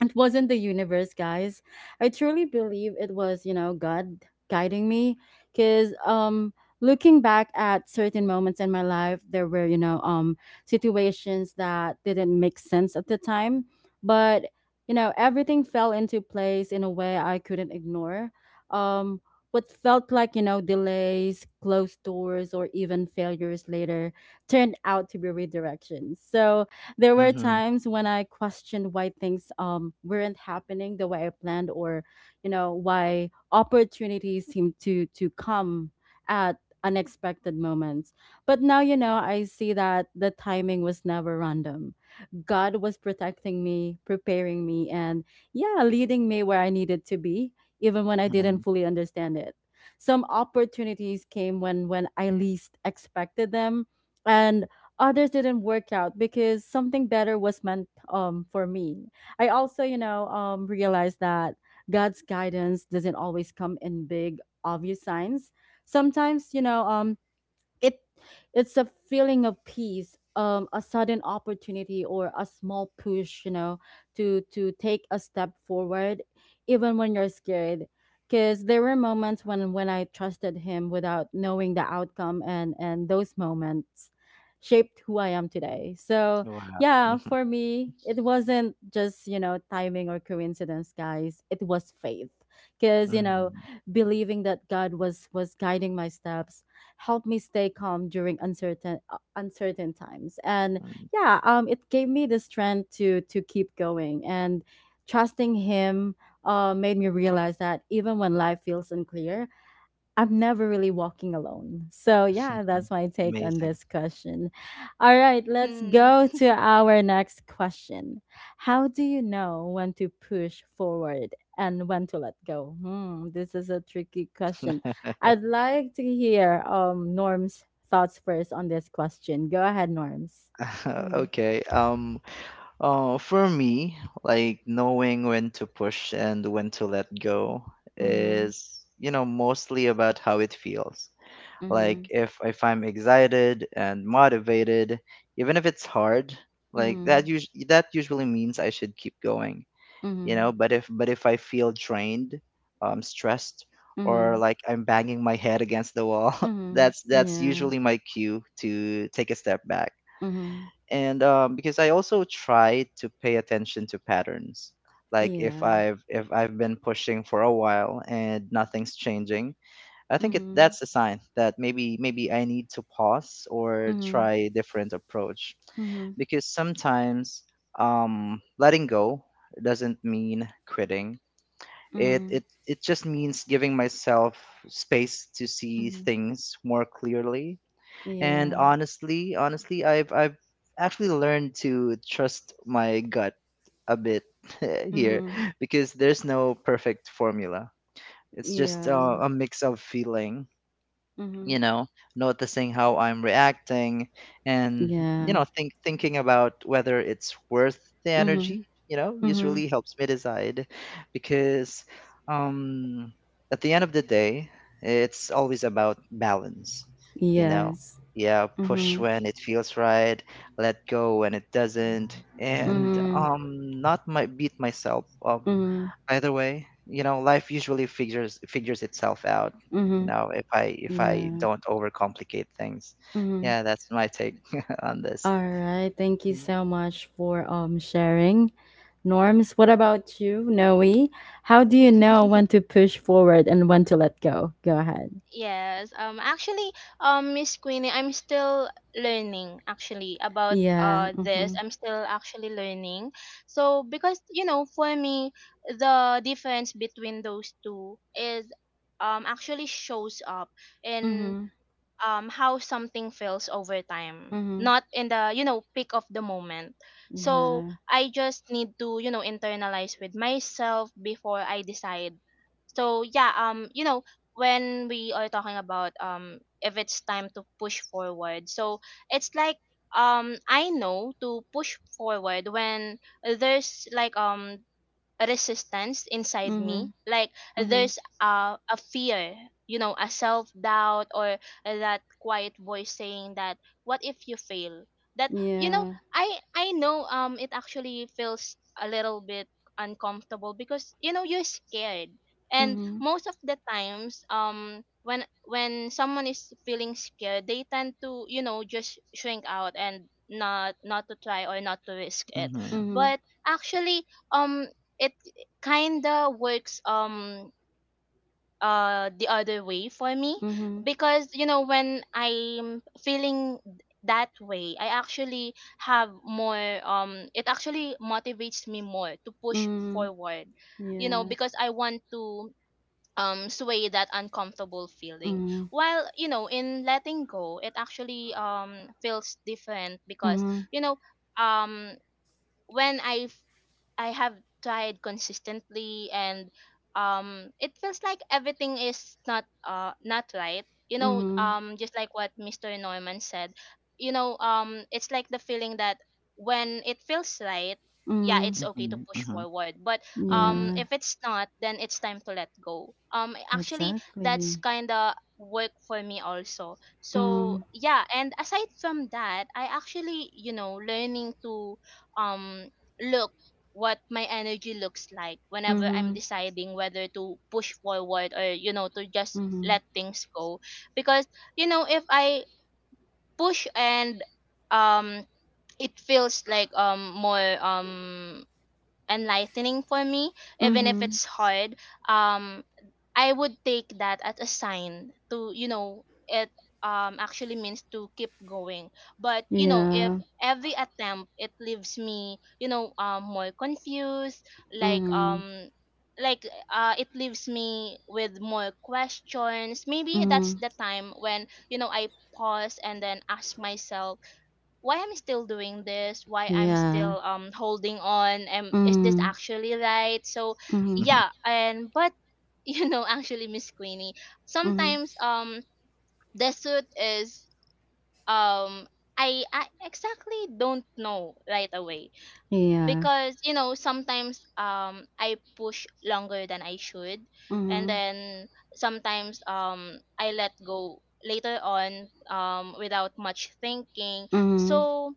Speaker 1: it wasn't the universe, guys. I truly believe it was, you know, God guiding me. Because looking back at certain moments in my life, there were, you know, situations that didn't make sense at the time, but you know, everything fell into place in a way I couldn't ignore. um what felt like, you know, delays, closed doors, or even failures later turned out to be redirections. So there were
Speaker 3: Mhm.
Speaker 1: times when I questioned why things weren't happening the way I planned, or you know, why opportunities seemed to come at unexpected moments. But now, you know, I see that the timing was never random. God was protecting me, preparing me, and yeah, leading me where I needed to be, even when I didn't
Speaker 3: Mhm.
Speaker 1: fully understand it. Some opportunities came when I least expected them, and others didn't work out because something better was meant, for me. I also, you know, realized that God's guidance doesn't always come in big, obvious signs. Sometimes, you know, it it's a feeling of peace, a sudden opportunity, or a small push, you know, to take a step forward even when you're scared. Because there were moments when I trusted him without knowing the outcome, and those moments shaped who I am today. So
Speaker 3: Wow. Mhm.
Speaker 1: yeah, for me, it wasn't just, you know, timing or coincidence, guys. It was faith, because you know,
Speaker 3: Mhm.
Speaker 1: believing that God was guiding my steps helped me stay calm during uncertain, uncertain times. And
Speaker 3: Mhm.
Speaker 1: yeah, it gave me the strength to keep going. And trusting him made me realize that even when life feels unclear, I'm never really walking alone. So, yeah, that's my take on
Speaker 3: Amazing.
Speaker 1: this question. All right, let's
Speaker 2: exactly.
Speaker 1: go to our next question. How do you know when to push forward and when to let go? Hmm, this is a tricky question. I'd like to hear Norm's thoughts first on this question. Go ahead, Norms. Mm,
Speaker 3: Okay. For me, like knowing when to push and when to let go
Speaker 1: mhm,
Speaker 3: is, you know, mostly about how it feels. Like
Speaker 1: mhm,
Speaker 3: if I'm excited and motivated, even if it's hard, like that usually means I should keep going, you know.
Speaker 1: mhm,
Speaker 3: But if I feel drained, stressed, or
Speaker 1: mhm,
Speaker 3: like I'm banging my head against the wall,
Speaker 1: mhm, mhm.
Speaker 3: that's
Speaker 1: Yeah.
Speaker 3: usually my cue to take a step back.
Speaker 1: Mhm,
Speaker 3: And because I also try to pay attention to patterns, like
Speaker 1: yeah.
Speaker 3: if I've been pushing for a while and nothing's changing, I think it, that's a sign that maybe I need to pause or try a different approach,
Speaker 1: Mm-hmm.
Speaker 3: because sometimes letting go doesn't mean quitting.
Speaker 1: Mhm.
Speaker 3: It just means giving myself space to see
Speaker 1: Mhm.
Speaker 3: things more clearly. And
Speaker 1: Yeah.
Speaker 3: honestly, honestly, I've actually learned to trust my gut a bit here,
Speaker 1: Mhm.
Speaker 3: because there's no perfect formula. It's just,
Speaker 1: Yeah.
Speaker 3: a mix of feeling, you
Speaker 1: Mhm.
Speaker 3: know, noticing how I'm reacting, and, you
Speaker 1: Yeah.
Speaker 3: know, thinking about whether it's worth the
Speaker 1: Mhm.
Speaker 3: energy. You know,
Speaker 1: Mhm.
Speaker 3: usually helps me decide, because um at the end of the day, it's always about balance, you know.
Speaker 1: Yes.
Speaker 3: Yeah, push
Speaker 1: Mhm.
Speaker 3: when it feels right, let go when it doesn't, and
Speaker 1: Mhm.
Speaker 3: not my beat myself up
Speaker 1: Mhm.
Speaker 3: either way. You know, life usually figures itself out. You
Speaker 1: Mhm.
Speaker 3: know, if I
Speaker 1: Yeah.
Speaker 3: don't overcomplicate things,
Speaker 1: Mhm.
Speaker 3: yeah, that's my take on this.
Speaker 1: All right. Thank you so much for sharing. Norms, what about you, Noe? How do you know
Speaker 2: Mm-hmm.
Speaker 1: when to push forward and when to let go? Go ahead.
Speaker 2: Yes. Actually, Miss Queenie, I'm still learning actually about
Speaker 1: Yeah.
Speaker 2: this.
Speaker 1: Mhm.
Speaker 2: I'm still actually learning. So because for me, the difference between those two is actually shows up in
Speaker 1: Mhm.
Speaker 2: how something feels over time,
Speaker 1: Mhm.
Speaker 2: not in the peak of the moment. So
Speaker 1: Yeah.
Speaker 2: I just need to internalize with myself before I decide. So yeah, when we are talking about if it's time to push forward, so it's like I know to push forward when there's like resistance inside me,
Speaker 1: Mhm.
Speaker 2: like
Speaker 1: Mhm.
Speaker 2: there's a fear, a self-doubt, or that quiet voice saying that what if you fail, that you know
Speaker 1: Yeah.
Speaker 2: i i know it actually feels a little bit uncomfortable because you're scared. And
Speaker 1: Mhm.
Speaker 2: most of the times, when someone is feeling scared, they tend to just shrink out and not to try or not to risk it.
Speaker 3: Mm-hmm,
Speaker 1: Mhm.
Speaker 2: But actually, um it kinda works, the other way for me,
Speaker 1: Mhm.
Speaker 2: because when I'm feeling that way, I actually have more, it actually motivates me more to push
Speaker 1: Mm,
Speaker 2: forward,
Speaker 1: yeah.
Speaker 2: because I want to sway that uncomfortable feeling.
Speaker 1: Mm,
Speaker 2: While in letting go, it actually feels different, because
Speaker 1: mhm,
Speaker 2: you know um when I have tried consistently and it feels like everything is not not right. You know,
Speaker 1: mhm,
Speaker 2: just like what Mr. Norman said, you know, it's like the feeling that when it feels right, yeah,
Speaker 1: mhm.
Speaker 2: it's okay to push
Speaker 3: mm-hmm,
Speaker 2: forward. But
Speaker 3: mm-hmm, mm-hmm,
Speaker 1: Yeah,
Speaker 2: if it's not, then it's time to let go. Actually, that's
Speaker 1: exactly.
Speaker 2: kinda work for me also. So
Speaker 1: Mm,
Speaker 2: yeah, and aside from that, I actually, you know, learning to um look what my energy looks like whenever I'm
Speaker 1: mhm,
Speaker 2: deciding whether to push forward or to just
Speaker 1: mhm,
Speaker 2: let things go. Because if I push and um it feels like more enlightening for me, even if
Speaker 1: mhm.
Speaker 2: it's hard. Um, I would take that as a sign to, you know it actually means to keep going. But if
Speaker 1: Yeah.
Speaker 2: every attempt it leaves me, more confused, like
Speaker 1: Mm,
Speaker 2: like it leaves me with more questions, maybe that's
Speaker 1: mhm.
Speaker 2: the time when I pause and then ask myself why I'm still doing this, why I'm
Speaker 1: Yeah.
Speaker 2: still holding on, and is this
Speaker 1: Mm,
Speaker 2: actually right? So
Speaker 1: mhm,
Speaker 3: mm-hmm,
Speaker 2: yeah, and but you know actually, Miss Queenie,
Speaker 1: mhm.
Speaker 2: sometimes the suit is um I exactly don't know right away,
Speaker 1: Yeah.
Speaker 2: because sometimes I push longer than I should, and
Speaker 1: Mhm,
Speaker 2: then sometimes I let go later on without much thinking.
Speaker 1: mhm.
Speaker 2: So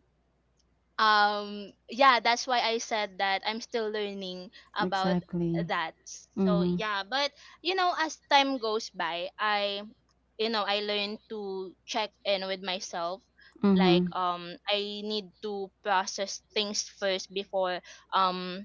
Speaker 2: yeah, that's why I said that I'm still learning about
Speaker 1: Exactly.
Speaker 2: that. So
Speaker 1: Mhm,
Speaker 2: yeah, but as time goes by, I, I learn to check in with myself, like,
Speaker 1: mhm,
Speaker 2: I need to process things first before um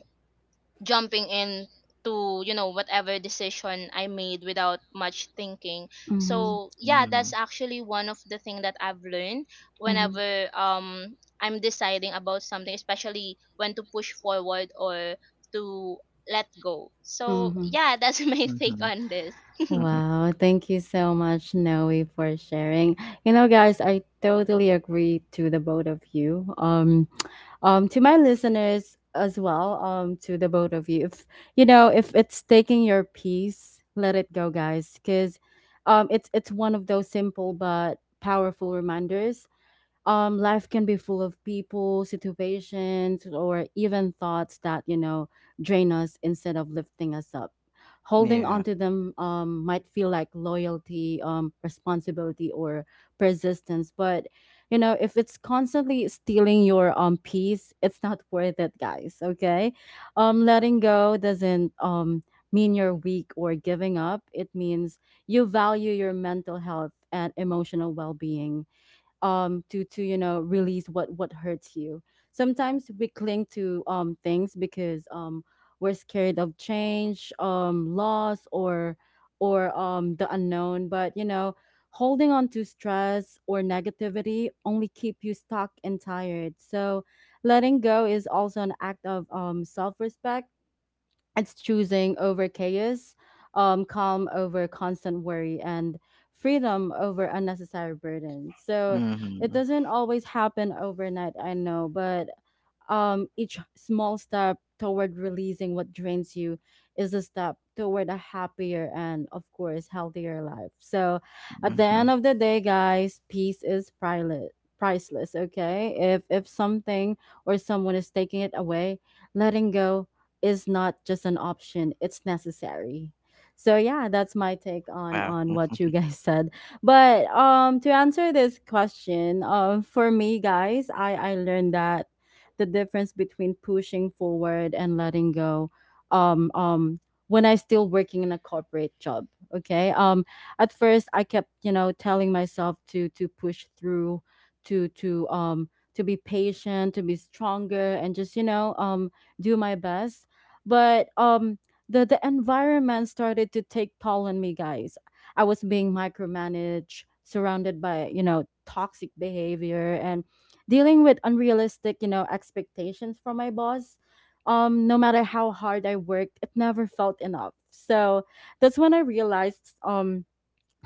Speaker 2: jumping in to, whatever decision I made without much thinking.
Speaker 1: mhm,
Speaker 2: So yeah,
Speaker 3: mm-hmm,
Speaker 2: that's actually one of the thing that I've learned
Speaker 1: mhm,
Speaker 2: whenever I'm deciding about something, especially when to push forward or to let go. So
Speaker 1: mhm.
Speaker 2: yeah, that's my take
Speaker 3: mm-hmm.
Speaker 2: on this.
Speaker 3: Mm-hmm.
Speaker 1: Wow, thank you so much, Noe, for sharing. You know, guys, I totally agree to the both of you. To my listeners as well, to the both of you. If you know, if it's taking your peace, let it go, guys, because it's one of those simple but powerful reminders. Life can be full of people, situations, or even thoughts that you know drain us instead of lifting us up. Holding
Speaker 3: Yeah.
Speaker 1: on to them, might feel like loyalty, responsibility, or persistence, but you know, if it's constantly stealing your peace, it's not worth it, guys, okay? Letting go doesn't mean you're weak or giving up. It means you value your mental health and emotional well-being, to you know, release what hurts you. Sometimes we cling to things because we're scared of change, loss, or the unknown. But you know, holding on to stress or negativity only keep you stuck and tired. So letting go is also an act of self-respect. It's choosing over chaos, calm over constant worry, and freedom over unnecessary burden. So it
Speaker 3: Mm-hmm,
Speaker 1: doesn't always happen overnight, I know, but each small step toward releasing what drains you is a step toward a happier and of course healthier life. So at the
Speaker 3: mm-hmm.
Speaker 1: end of the day, guys, peace is priceless. Priceless. Okay, if something or someone is taking it away, letting go is not just an option, it's necessary. So yeah, that's my take on
Speaker 3: Wow.
Speaker 1: on what you guys said. But to answer this question, for me, guys, I learned that the difference between pushing forward and letting go, um um when I still working in a corporate job. Okay. At first I kept, telling myself to push through, to to um to be patient, to be stronger, and just, do my best. But the environment started to take toll on me, guys. I was being micromanaged, surrounded by, toxic behavior, and dealing with unrealistic, expectations from my boss. No matter how hard I worked, it never felt enough. So that's when I realized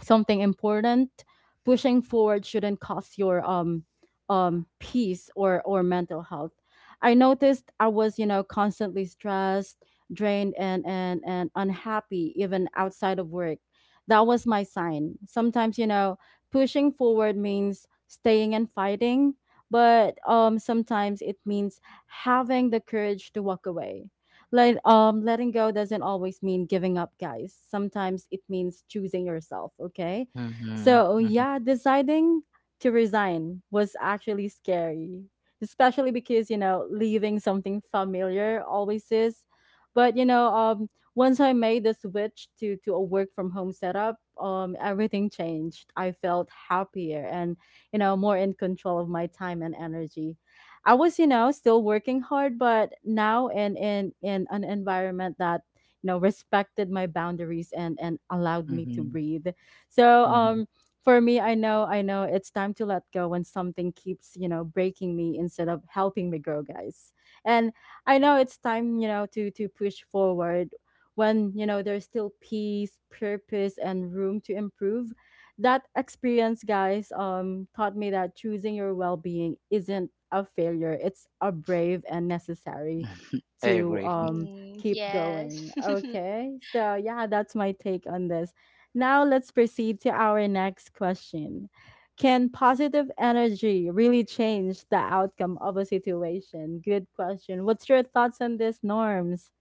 Speaker 1: something important: pushing forward shouldn't cost your peace or mental health. I noticed I was, constantly stressed, drained, and unhappy even outside of work. That was my sign. Sometimes, pushing forward means staying and fighting, but sometimes it means having the courage to walk away. Letting go doesn't always mean giving up, guys. Sometimes it means choosing yourself, okay?
Speaker 3: Mm-hmm,
Speaker 1: So,
Speaker 3: mm-hmm,
Speaker 1: yeah, deciding to resign was actually scary, especially because, leaving something familiar always is. But, once I made the switch to a work from home setup, everything changed. I felt happier, and, more in control of my time and energy. I was, still working hard, but now in an environment that, respected my boundaries and allowed me to
Speaker 3: mm-hmm,
Speaker 1: breathe. So
Speaker 3: mm-hmm.
Speaker 1: for me, I know it's time to let go when something keeps, breaking me instead of helping me grow, guys. And I know it's time, to push forward when, there's still peace, purpose, and room to improve. That experience, guys, taught me that choosing your well-being isn't a failure, it's a brave and necessary
Speaker 3: I
Speaker 1: to
Speaker 3: agree.
Speaker 2: Mm,
Speaker 1: keep going.
Speaker 2: yes.
Speaker 1: Okay, so yeah, that's my take on this. Now let's proceed to our next question: can positive energy really change the outcome of a situation? Good question. What's your thoughts on this, Norms?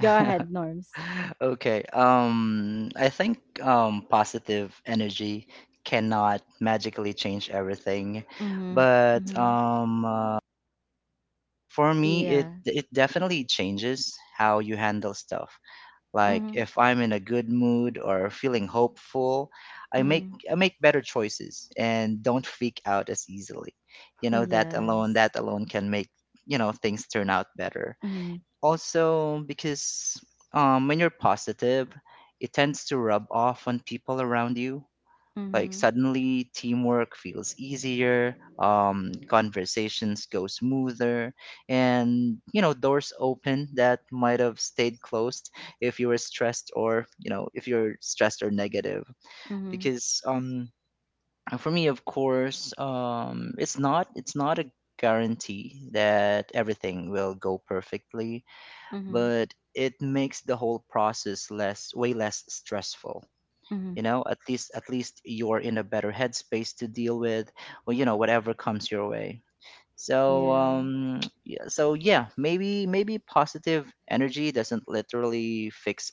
Speaker 1: Go ahead, Norms.
Speaker 3: Okay. I think, positive energy cannot magically change everything,
Speaker 1: Mm-hmm.
Speaker 3: but
Speaker 1: Mm-hmm.
Speaker 3: for me,
Speaker 1: Yeah.
Speaker 3: it definitely changes how you handle stuff. Like if I'm in a good mood or feeling hopeful,
Speaker 1: Mm-hmm.
Speaker 3: I make better choices and don't freak out as easily. You know,
Speaker 1: Yes.
Speaker 3: that alone can make, you know, things turn out better.
Speaker 1: Mhm.
Speaker 3: Also, because when you're positive, it tends to rub off on people around you. Like
Speaker 1: Mhm.
Speaker 3: suddenly, teamwork feels easier, conversations go smoother, and, you know, doors open that might have stayed closed if you were stressed, or, you know, if you're stressed or negative.
Speaker 1: Mhm.
Speaker 3: Because for me, of course, it's not a guarantee that everything will go perfectly,
Speaker 1: Mhm.
Speaker 3: but it makes the whole process less, way less stressful.
Speaker 1: Mhm.
Speaker 3: You know, at least you're in a better headspace to deal with, well, you know, whatever comes your way. So
Speaker 1: Yeah.
Speaker 3: yeah, so yeah, maybe positive energy doesn't literally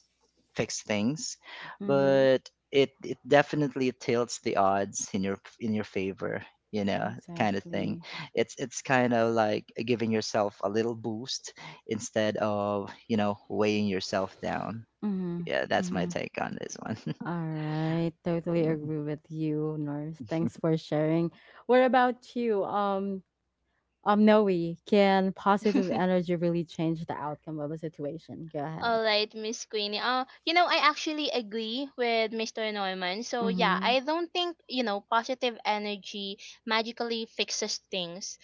Speaker 3: fix things,
Speaker 1: Mhm.
Speaker 3: but it definitely tilts the odds in your, favor, you know, kind of thing.
Speaker 1: Exactly.
Speaker 3: It's kind of like giving yourself a little boost instead of, you know, weighing yourself down.
Speaker 1: Mhm.
Speaker 3: Yeah, that's my
Speaker 1: Mhm.
Speaker 3: take on this one.
Speaker 1: All right. Totally agree with you, Norms. Thanks for sharing. What about you? Noe, can positive energy really change the outcome of a situation? Go ahead.
Speaker 2: All right, Miss Queenie. You know, I actually agree with Mr. Norman. So yeah,
Speaker 1: Mhm.
Speaker 2: I don't think positive energy magically fixes things.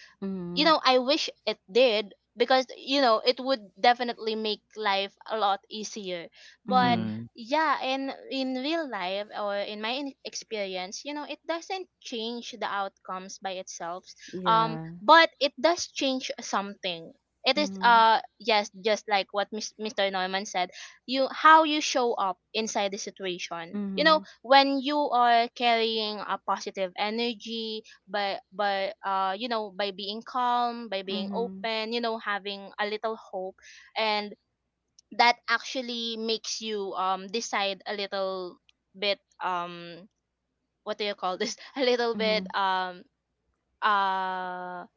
Speaker 2: You
Speaker 1: Mhm.
Speaker 2: know, I wish it did, because it would definitely make life a lot easier. But
Speaker 1: Mhm.
Speaker 3: Mm,
Speaker 2: yeah, in real life, or in my experience, you know, it doesn't change the outcomes by itself.
Speaker 1: Yeah.
Speaker 2: But it does change something. It is
Speaker 1: Mhm.
Speaker 2: yes, just like what Mr. Norman said, you how you show up inside the situation. You know,
Speaker 1: Mhm.
Speaker 2: when you are carrying a positive energy, but you know, by being calm, by being
Speaker 1: Mhm.
Speaker 2: open, you know, having a little hope. And that actually makes you decide a little bit what do you call this, a little bit
Speaker 1: Mhm.
Speaker 2: uh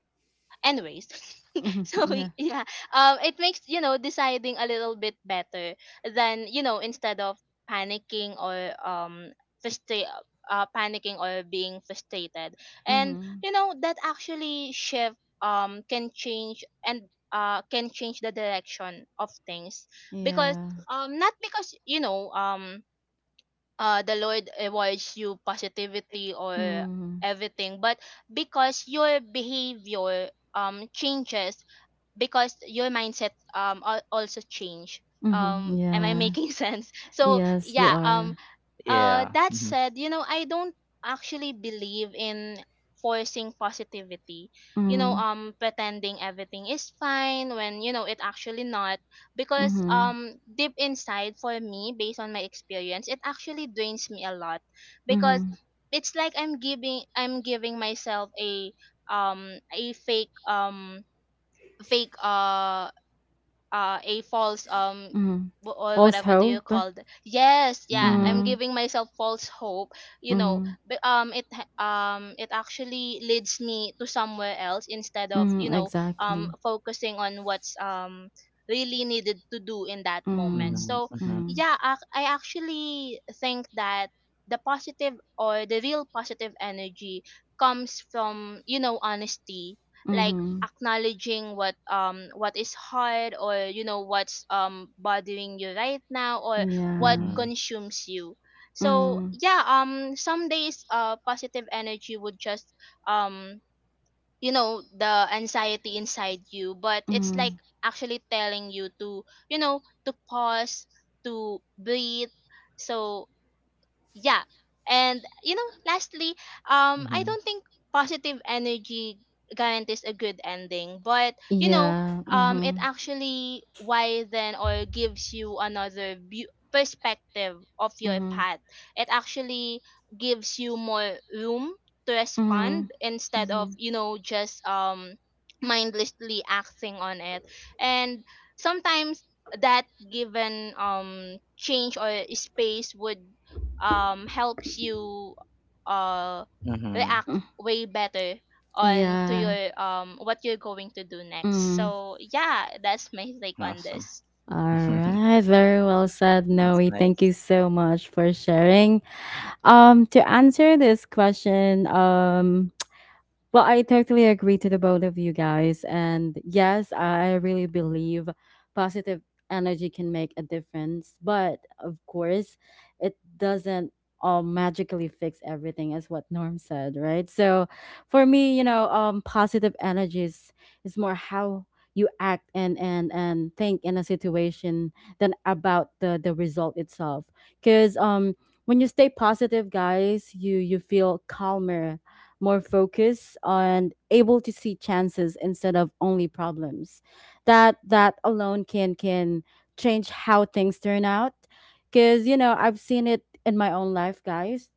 Speaker 2: anyways,
Speaker 1: Mhm.
Speaker 2: so
Speaker 1: Yeah.
Speaker 2: yeah, it makes, you know, deciding a little bit better than, you know, instead of panicking or um panicking or being frustrated. And
Speaker 1: Mhm.
Speaker 2: you know that actually shift can change, and can change the direction of things, because
Speaker 1: Yeah.
Speaker 2: not because, you know, the Lord awards you positivity or
Speaker 1: Mhm.
Speaker 2: everything, but because your behavior changes, because your mindset, also change.
Speaker 1: Mhm,
Speaker 2: Am I
Speaker 1: yeah.
Speaker 2: making sense? So
Speaker 1: Yes, you
Speaker 2: yeah,
Speaker 1: are.
Speaker 3: yeah.
Speaker 2: that
Speaker 3: Mm-hmm.
Speaker 2: said, you know, I don't actually believe in forcing positivity. You know,
Speaker 1: Mm,
Speaker 2: pretending everything is fine when, you know, it actually not. Because
Speaker 1: mhm,
Speaker 2: deep inside, for me, based on my experience, it actually drains me a lot. Because
Speaker 1: mhm,
Speaker 2: it's like I'm giving myself a fake, fake uh a false,
Speaker 1: mhm.
Speaker 2: wh- or
Speaker 1: False
Speaker 2: whatever do you
Speaker 1: hope.
Speaker 2: call it, yes, yeah,
Speaker 3: Mm-hmm.
Speaker 2: I'm
Speaker 1: Mm,
Speaker 2: giving myself false hope. You know,
Speaker 1: mhm,
Speaker 2: but it actually leads me to somewhere else, instead of, you
Speaker 1: mhm,
Speaker 2: know,
Speaker 1: exactly.
Speaker 2: focusing on what's really needed to do in that moment.
Speaker 1: Mm,
Speaker 3: Mm-hmm.
Speaker 2: So
Speaker 3: Mm-hmm.
Speaker 1: mhm,
Speaker 2: yeah, I actually think that the positive, or the real positive energy comes from, you know, honesty. Like
Speaker 1: mhm.
Speaker 2: acknowledging what is hard, or you know, what's bothering you right now, or what
Speaker 1: Yeah.
Speaker 3: Mm-hmm.
Speaker 2: consumes you. So
Speaker 1: Mm,
Speaker 2: yeah, some days positive energy would just um you know the anxiety inside you, but it's like
Speaker 1: mhm.
Speaker 2: actually telling you to, you know, to pause, to breathe. So yeah, and you know, lastly, I
Speaker 3: Mm-hmm.
Speaker 2: don't think positive energy guarantees a good ending, but you know,
Speaker 1: Yeah.
Speaker 2: it
Speaker 1: Mhm,
Speaker 2: actually widen or gives you another view, perspective of your
Speaker 1: mhm,
Speaker 2: path. It actually gives you more room to
Speaker 1: mhm,
Speaker 2: respond, instead of,
Speaker 1: mhm.
Speaker 2: you know, just mindlessly acting on it. And sometimes that given change or space would helps you uh
Speaker 3: Mm-hmm.
Speaker 2: react
Speaker 1: Mm,
Speaker 2: way better on to
Speaker 1: yeah.
Speaker 2: your what you're going to do next.
Speaker 1: Mm.
Speaker 2: So yeah, that's my take on
Speaker 3: Awesome.
Speaker 2: this.
Speaker 1: All right. Very well said,
Speaker 3: That's
Speaker 1: Noe. Thank
Speaker 3: nice.
Speaker 1: you so much for sharing. To answer this question, well, I totally agree to the both of you guys. And yes, I really believe positive energy can make a difference. But of course, it doesn't all magically fix everything, as what Norm said, right? So for me, positive energy is, more how you act and think in a situation than about the result itself. Cause when you stay positive, guys, you feel calmer, more focused, and able to see chances instead of only problems. That alone can change how things turn out. Cause, I've seen it in my own life, guys,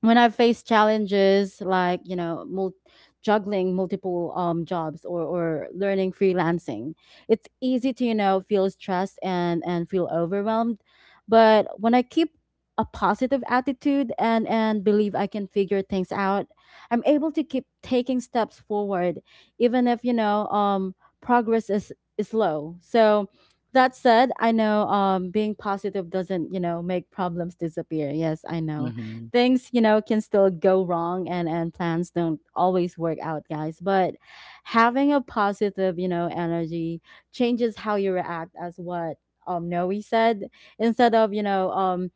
Speaker 1: when I've faced challenges like, juggling multiple, jobs, or learning freelancing. It's easy to, feel stressed and feel overwhelmed. But when I keep a positive attitude and believe I can figure things out, I'm able to keep taking steps forward, even if, progress is low. So. That said, I know, being positive doesn't, make problems disappear. Yes, I know
Speaker 3: Mm-hmm.
Speaker 1: things, can still go wrong and plans don't always work out, guys, but having a positive, energy changes how you react, as what Noe said, instead of,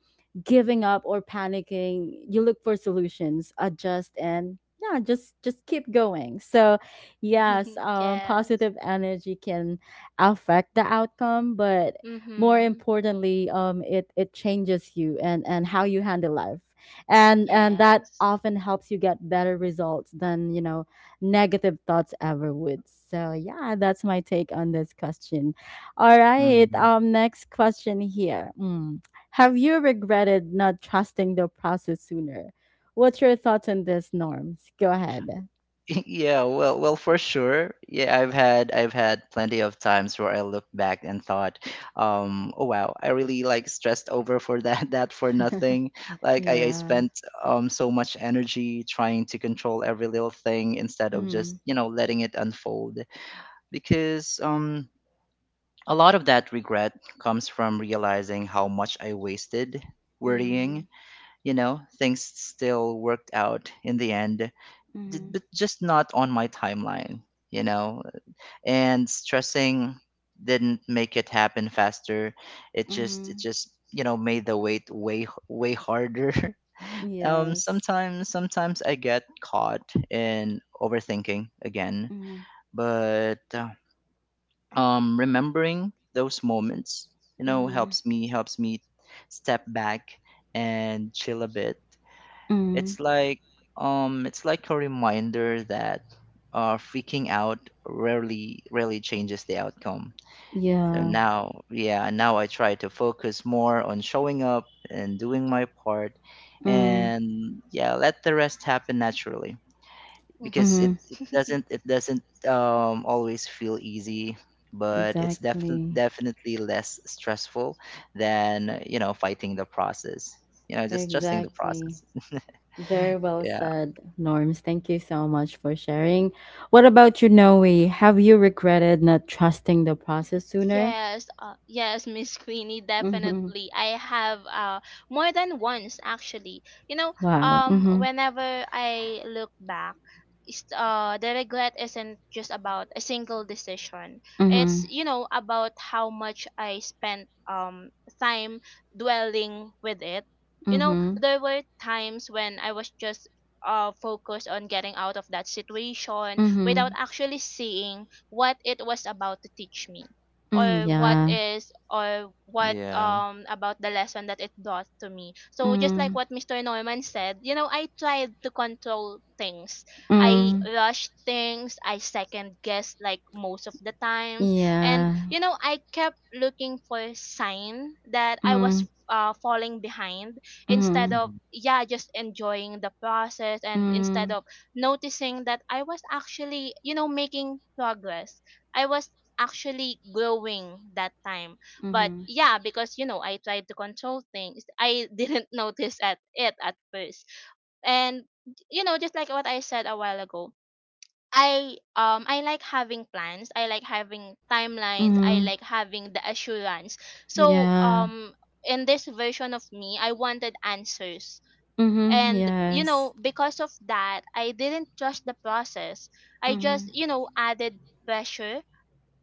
Speaker 1: giving up or panicking. You look for solutions, adjust, and yeah, just keep going. So yes,
Speaker 2: Yes.
Speaker 1: positive energy can affect the outcome, but more
Speaker 2: Mhm.
Speaker 1: importantly, it changes you and how you handle life, and that
Speaker 2: Yes.
Speaker 1: often helps you get better results than, negative thoughts ever would. So yeah, that's my take on this question. All right,
Speaker 3: Mm-hmm.
Speaker 1: next question here. Mm. Have you regretted not trusting the process sooner? What's your thoughts on this, Norms? Go ahead.
Speaker 3: Yeah, well, well, for sure. Yeah, I've had plenty of times where I looked back and thought, oh wow, I really like stressed over for that that for nothing. Like I
Speaker 1: Yeah.
Speaker 3: spent so much energy trying to control every little thing instead of just,
Speaker 1: Mm.
Speaker 3: you know, letting it unfold. Because a lot of that regret comes from realizing how much I wasted worrying.
Speaker 1: Mm,
Speaker 3: You know, things still worked out in the end
Speaker 1: mm,
Speaker 3: but just not on my timeline, you know. And stressing didn't make it happen faster. It
Speaker 1: mm,
Speaker 3: just, you know, made the wait, way way harder. um,
Speaker 1: yes.
Speaker 3: sometimes sometimes I get caught in overthinking again,
Speaker 1: Mm,
Speaker 3: but remembering those moments, you know,
Speaker 1: mm,
Speaker 3: helps me step back and chill a bit.
Speaker 1: mm,
Speaker 3: it's like it's like a reminder that, freaking out rarely changes the outcome. So
Speaker 1: yeah.
Speaker 3: now, yeah, now I try to focus more on showing up and doing my part,
Speaker 1: Mm,
Speaker 3: and yeah, let the rest happen naturally, because
Speaker 2: Mhm.
Speaker 1: mm.
Speaker 3: it doesn't, always feel easy, but it's definitely,
Speaker 1: Exactly.
Speaker 3: definitely less stressful than, you know, fighting the process. You know, just trusting the
Speaker 1: Exactly.
Speaker 3: process.
Speaker 1: Very well
Speaker 3: Yeah.
Speaker 1: said, Norms. Thank you so much for sharing. What about you, Noe? Have you regretted not trusting the process sooner?
Speaker 2: Yes, yes, Miss Queenie,
Speaker 1: Mm-hmm.
Speaker 2: definitely. I have more than once actually. You know,
Speaker 1: Wow. Mm-hmm.
Speaker 2: whenever I look back, is the regret isn't just about a single decision. It's,
Speaker 1: Mm-hmm.
Speaker 2: you know, about how much I spent time dwelling with it. You know,
Speaker 1: Mm-hmm.
Speaker 2: there were times when I was just focused on getting out of that situation without
Speaker 1: Mm-hmm.
Speaker 2: actually seeing what it was about to teach me,
Speaker 1: Mm,
Speaker 2: or what
Speaker 1: yeah.
Speaker 2: is or what
Speaker 3: Yeah.
Speaker 2: about the lesson that it does to me. So just like
Speaker 1: Mm.
Speaker 2: what Mr. Norman said, you know, I tried to control things, I
Speaker 1: Mm.
Speaker 2: rushed things, I second guessed, like most of the times. And
Speaker 1: Yeah.
Speaker 2: you know, I kept looking for sign that I was
Speaker 1: Mm.
Speaker 2: falling behind, instead
Speaker 1: Mm.
Speaker 2: of,
Speaker 3: Mhm.
Speaker 2: yeah, just enjoying the process, and instead
Speaker 1: Mm.
Speaker 2: of noticing that I was actually, you know, making progress. I was actually growing that time. But
Speaker 1: Mm-hmm.
Speaker 2: yeah, because you know, I tried to control things, I didn't notice at it at first. And you know, just like what I said a while ago, I like having plans, I like having timelines, I
Speaker 1: Mm-hmm.
Speaker 2: like having the assurance. So
Speaker 1: Yeah.
Speaker 2: in this version of me, I wanted answers.
Speaker 1: Mm-hmm.
Speaker 2: And you know,
Speaker 1: Yes.
Speaker 2: because of that, I didn't trust the process, I just,
Speaker 1: Mm-hmm.
Speaker 2: you know, added pressure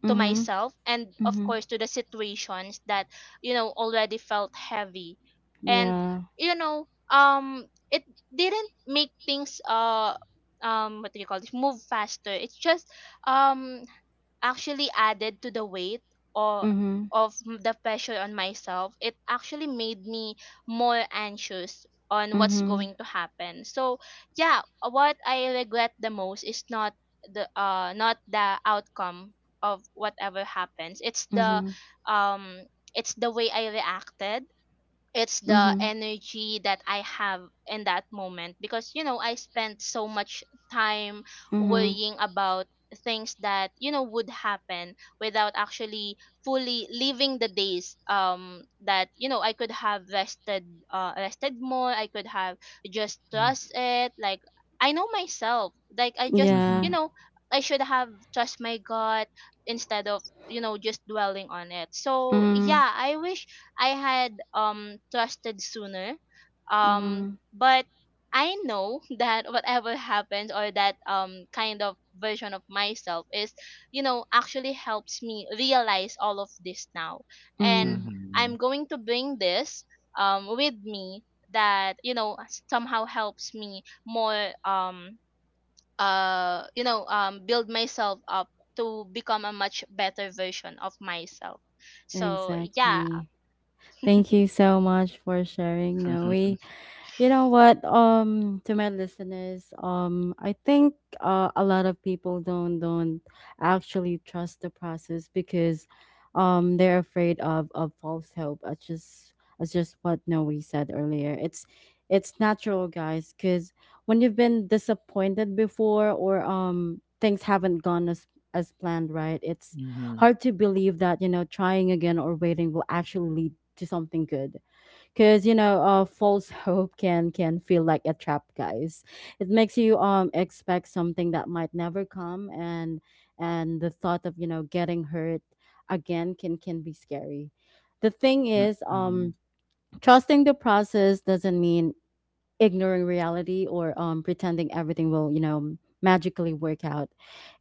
Speaker 2: to
Speaker 1: Mm-hmm.
Speaker 2: myself, and of
Speaker 1: Mm-hmm.
Speaker 2: course to the situations that, you know, already felt heavy. And
Speaker 1: Yeah.
Speaker 2: you know, it didn't make things what do you call this, move faster, it's just um actually added to the weight, or
Speaker 1: Mm-hmm.
Speaker 2: of the pressure on myself. It actually made me more anxious on what's
Speaker 1: Mm-hmm.
Speaker 2: going to happen. So yeah, what I regret the most is not the not the outcome of whatever happens,
Speaker 1: Mm-hmm.
Speaker 2: um it's the way I reacted, it's the
Speaker 1: Mm-hmm.
Speaker 2: energy that I have in that moment. Because you know, I spent so much time
Speaker 1: Mm-hmm.
Speaker 2: worrying about things that, you know, would happen, without actually fully living the days, that you know, I could have rested, rested more, I could have just
Speaker 3: Mm.
Speaker 2: trust it, like I know myself, like I just, you
Speaker 1: Yeah.
Speaker 3: Mhm.
Speaker 2: know, I should have trust my gut, instead of, you know, just dwelling on it. So
Speaker 1: Mm,
Speaker 2: yeah, I wish I had trusted sooner. Um,
Speaker 1: mm,
Speaker 2: but I know that whatever happens, or that kind of version of myself is, you know, actually helps me realize all of this now. And
Speaker 1: mm.
Speaker 3: Mhm.
Speaker 2: I'm going to bring this with me, that, you know, somehow helps me more you know, build myself up to become a much better version of myself. So yeah,
Speaker 1: Exactly. Thank you so much for sharing, Noe.
Speaker 3: Mhm.
Speaker 1: You know what? To my listeners, I think a lot of people don't actually trust the process because, they're afraid of false hope. That's just what Noe said earlier. It's natural, guys, because when you've been disappointed before, or things haven't gone as planned, right? It's hard to believe that, trying again or waiting will actually lead to something good, because, false hope can feel like a trap, guys. It makes you expect something that might never come, and the thought of, getting hurt again can be scary. The thing
Speaker 3: Mm,
Speaker 1: is,
Speaker 3: mhm.
Speaker 1: trusting the process doesn't mean ignoring reality, or pretending everything will, magically work out.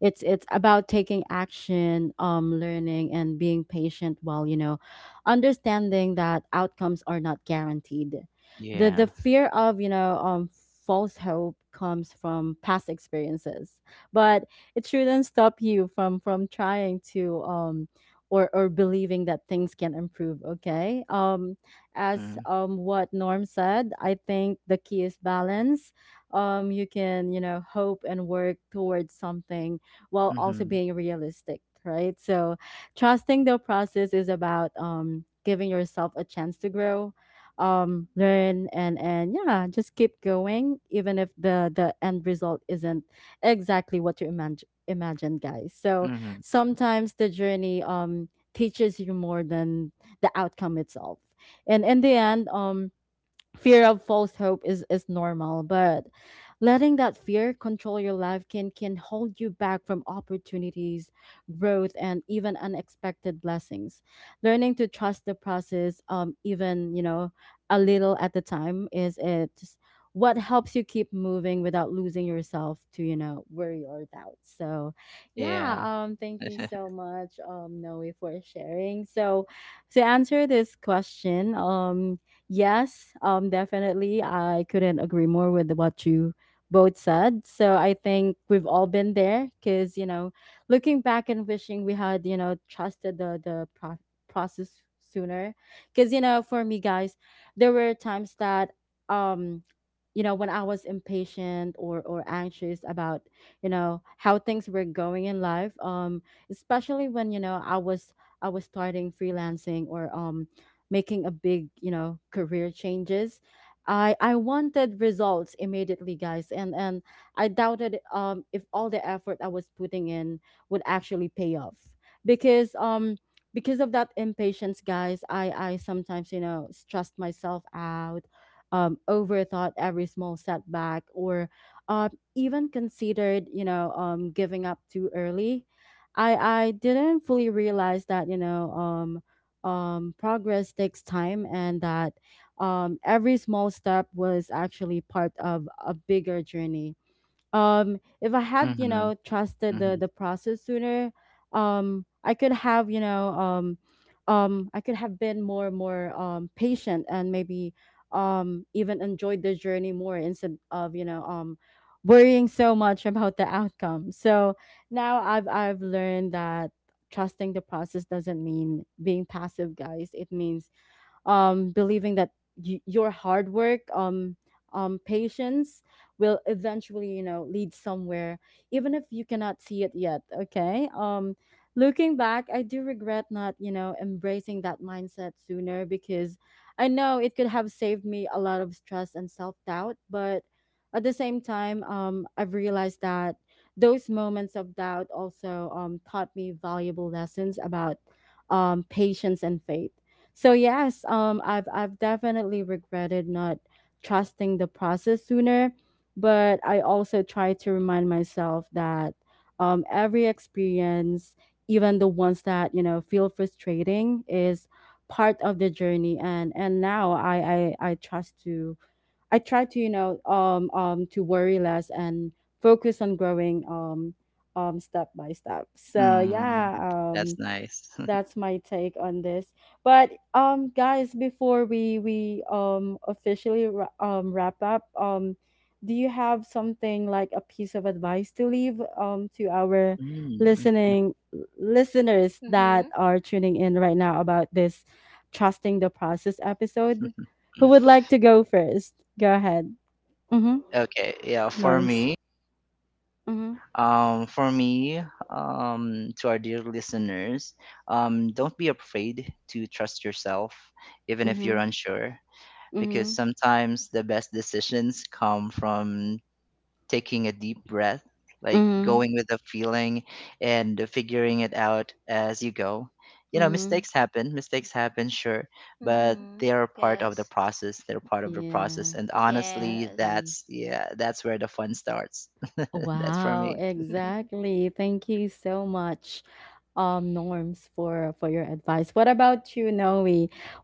Speaker 1: It's about taking action, learning and being patient, while, understanding that outcomes are not guaranteed. the
Speaker 3: Yeah.
Speaker 1: the fear of, false hope comes from past experiences, but it shouldn't stop you from trying to or believing that things can improve. Okay, as,
Speaker 3: Mhm.
Speaker 1: what Norm said, I think the key is balance. You can, hope and work towards something, while also
Speaker 3: Mhm.
Speaker 1: being realistic, right? So, trusting the process is about giving yourself a chance to grow, learn, and yeah, just keep going, even if the end result isn't exactly what you imagine, guys. So
Speaker 3: Mhm.
Speaker 1: sometimes the journey, teaches you more than the outcome itself. And in the end, fear of false hope is normal, but letting that fear control your life can hold you back from opportunities, growth, and even unexpected blessings. Learning to trust the process, even, a little at the time is it what helps you keep moving without losing yourself to, worry or doubt. So yeah,
Speaker 3: Yeah.
Speaker 1: thank you so much, Noe, for sharing. So to answer this question, yes, definitely. I couldn't agree more with what you both said. So I think we've all been there because, looking back and wishing we had, trusted process sooner. Because, for me, guys, there were times that, um, when I was impatient or anxious about, how things were going in life, especially when, I was starting freelancing or making a big, career changes. I wanted results immediately, guys, and I doubted if all the effort I was putting in would actually pay off, because of that impatience, guys, I sometimes, stressed myself out, overthought every small setback, or uh, even considered, giving up too early. I didn't fully realize that, progress takes time, and that every small step was actually part of a bigger journey. If I had,
Speaker 3: Mhm.
Speaker 1: trusted the
Speaker 3: Mhm.
Speaker 1: the process sooner, I could have you know I could have been more patient, and maybe even enjoyed the journey more, instead of, worrying so much about the outcome. So now I've learned that trusting the process doesn't mean being passive, guys. It means, believing that your hard work, patience, will eventually, lead somewhere, even if you cannot see it yet. Okay. Looking back, I do regret not, embracing that mindset sooner, because I know it could have saved me a lot of stress and self doubt. But at the same time, I've realized that those moments of doubt also, taught me valuable lessons about, patience and faith. So yes, I've definitely regretted not trusting the process sooner, but I also try to remind myself that, every experience, even the ones that, feel frustrating, is part of the journey. And now I try to to worry less and focus on growing, step by step. So
Speaker 3: Mm.
Speaker 1: yeah,
Speaker 3: That's
Speaker 1: um
Speaker 3: nice.
Speaker 1: that's my take on this. But guys, before we officially wrap up, do you have something like a piece of advice to leave, to our
Speaker 3: Mm.
Speaker 1: listening listeners that
Speaker 2: mhm.
Speaker 1: are tuning in right now about this trusting the process episode? Who would like to go first? Go ahead. Mm-hmm.
Speaker 3: Okay, yeah, for
Speaker 1: Norms.
Speaker 3: me,
Speaker 1: Mm-hmm.
Speaker 3: um, for me, to our dear listeners, don't be afraid to trust yourself, even if
Speaker 1: Mm-hmm.
Speaker 3: you're unsure, because
Speaker 1: Mm-hmm.
Speaker 3: sometimes the best decisions come from taking a deep breath, like
Speaker 1: Mm-hmm.
Speaker 3: going with the feeling and figuring it out as you go. You know,
Speaker 1: Mm-hmm.
Speaker 3: mistakes happen, sure, but
Speaker 2: Mhm.
Speaker 3: they are part of the
Speaker 2: Yes.
Speaker 3: process.
Speaker 1: Yeah.
Speaker 3: And honestly,
Speaker 2: Yes.
Speaker 1: Exactly.
Speaker 3: yeah, that's where the fun starts. That's for
Speaker 1: Wow,
Speaker 3: me.
Speaker 1: exactly. Thank you so much, Norms, for your advice. What about you, Noe?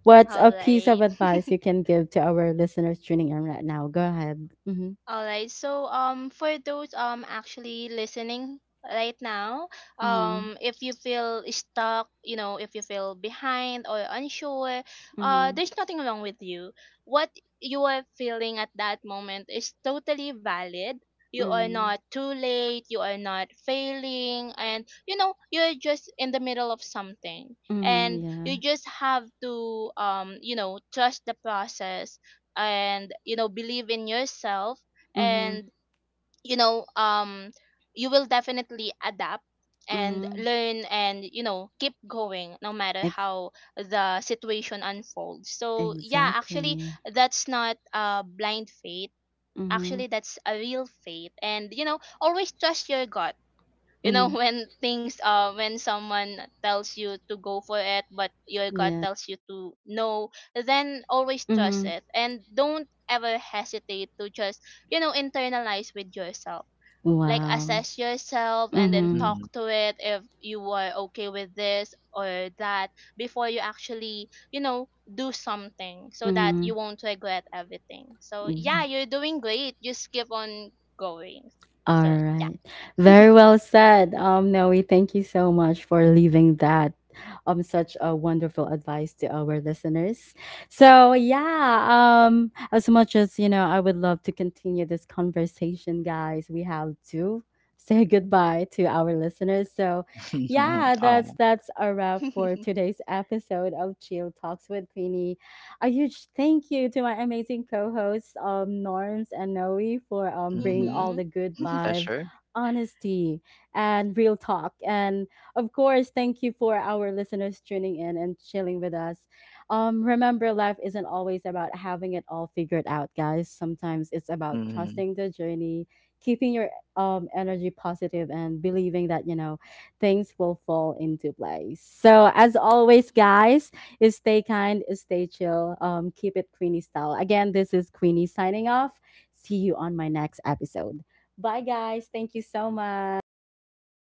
Speaker 1: What's
Speaker 2: All
Speaker 1: a piece of
Speaker 2: right.
Speaker 1: advice you can give to our listeners tuning in right now? Go ahead. Mm-hmm.
Speaker 2: All right. So for those actually listening right now,
Speaker 1: Mm-hmm.
Speaker 2: if you feel stuck, you know, if you feel behind or unsure,
Speaker 1: Mm-hmm.
Speaker 2: there's nothing wrong with you. What you are feeling at that moment is totally valid. You are
Speaker 1: Mm-hmm.
Speaker 2: not too late, you are not failing, and you know, you're just in the middle of something,
Speaker 1: Mm-hmm.
Speaker 2: and
Speaker 1: Yeah.
Speaker 2: you just have to you know, trust the process, and you know, believe in yourself.
Speaker 1: Mm-hmm.
Speaker 2: And you know, you will definitely adapt and
Speaker 1: Mm-hmm.
Speaker 2: learn, and you know, keep going, no matter
Speaker 1: Ex-
Speaker 2: how the situation unfolds. So yeah, actually
Speaker 1: exactly.
Speaker 2: that's not a blind faith,
Speaker 1: Mm-hmm.
Speaker 2: actually that's a real faith. And you know, always trust your gut. You know,
Speaker 1: Mm-hmm.
Speaker 2: when things when someone tells you to go for it, but your gut
Speaker 1: Yeah.
Speaker 2: tells you to no, then always trust
Speaker 1: Mm-hmm.
Speaker 2: it. And don't ever hesitate to just, you know, internalize with yourself, like
Speaker 1: Wow.
Speaker 2: assess yourself and then
Speaker 1: Mm-hmm.
Speaker 2: talk to it if you are okay with this or that before you actually, you know, do something, so that
Speaker 1: Mm-hmm.
Speaker 2: you won't regret everything. So yeah, you're doing great, just keep on going.
Speaker 1: All
Speaker 2: So
Speaker 1: right.
Speaker 2: yeah.
Speaker 1: Very well said. Noe, thank you so much for leaving that such a wonderful advice to our listeners. So yeah, as much as, I would love to continue this conversation, guys. We have to say goodbye to our listeners. So
Speaker 3: Mm-hmm.
Speaker 1: yeah,
Speaker 3: Oh,
Speaker 1: that's a wrap for today's episode of Chill Talks with Queenie. A huge thank you to my amazing co-hosts, Norms and Noe, for bringing
Speaker 3: mm-hmm.
Speaker 1: all
Speaker 2: Mhm.
Speaker 1: the good vibe,
Speaker 3: Pleasure.
Speaker 1: honesty, and real talk. And of course, thank you for our listeners tuning in and chilling with us. Remember, life isn't always about having it all figured out, guys. Sometimes it's about
Speaker 3: Mm-hmm.
Speaker 1: trusting the journey, keeping your energy positive, and believing that, things will fall into place. So, as always, guys stay kind, stay chill, keep it Queenie style. Again, this is Queenie signing off. See you on my next episode. Bye, guys. Thank you so much.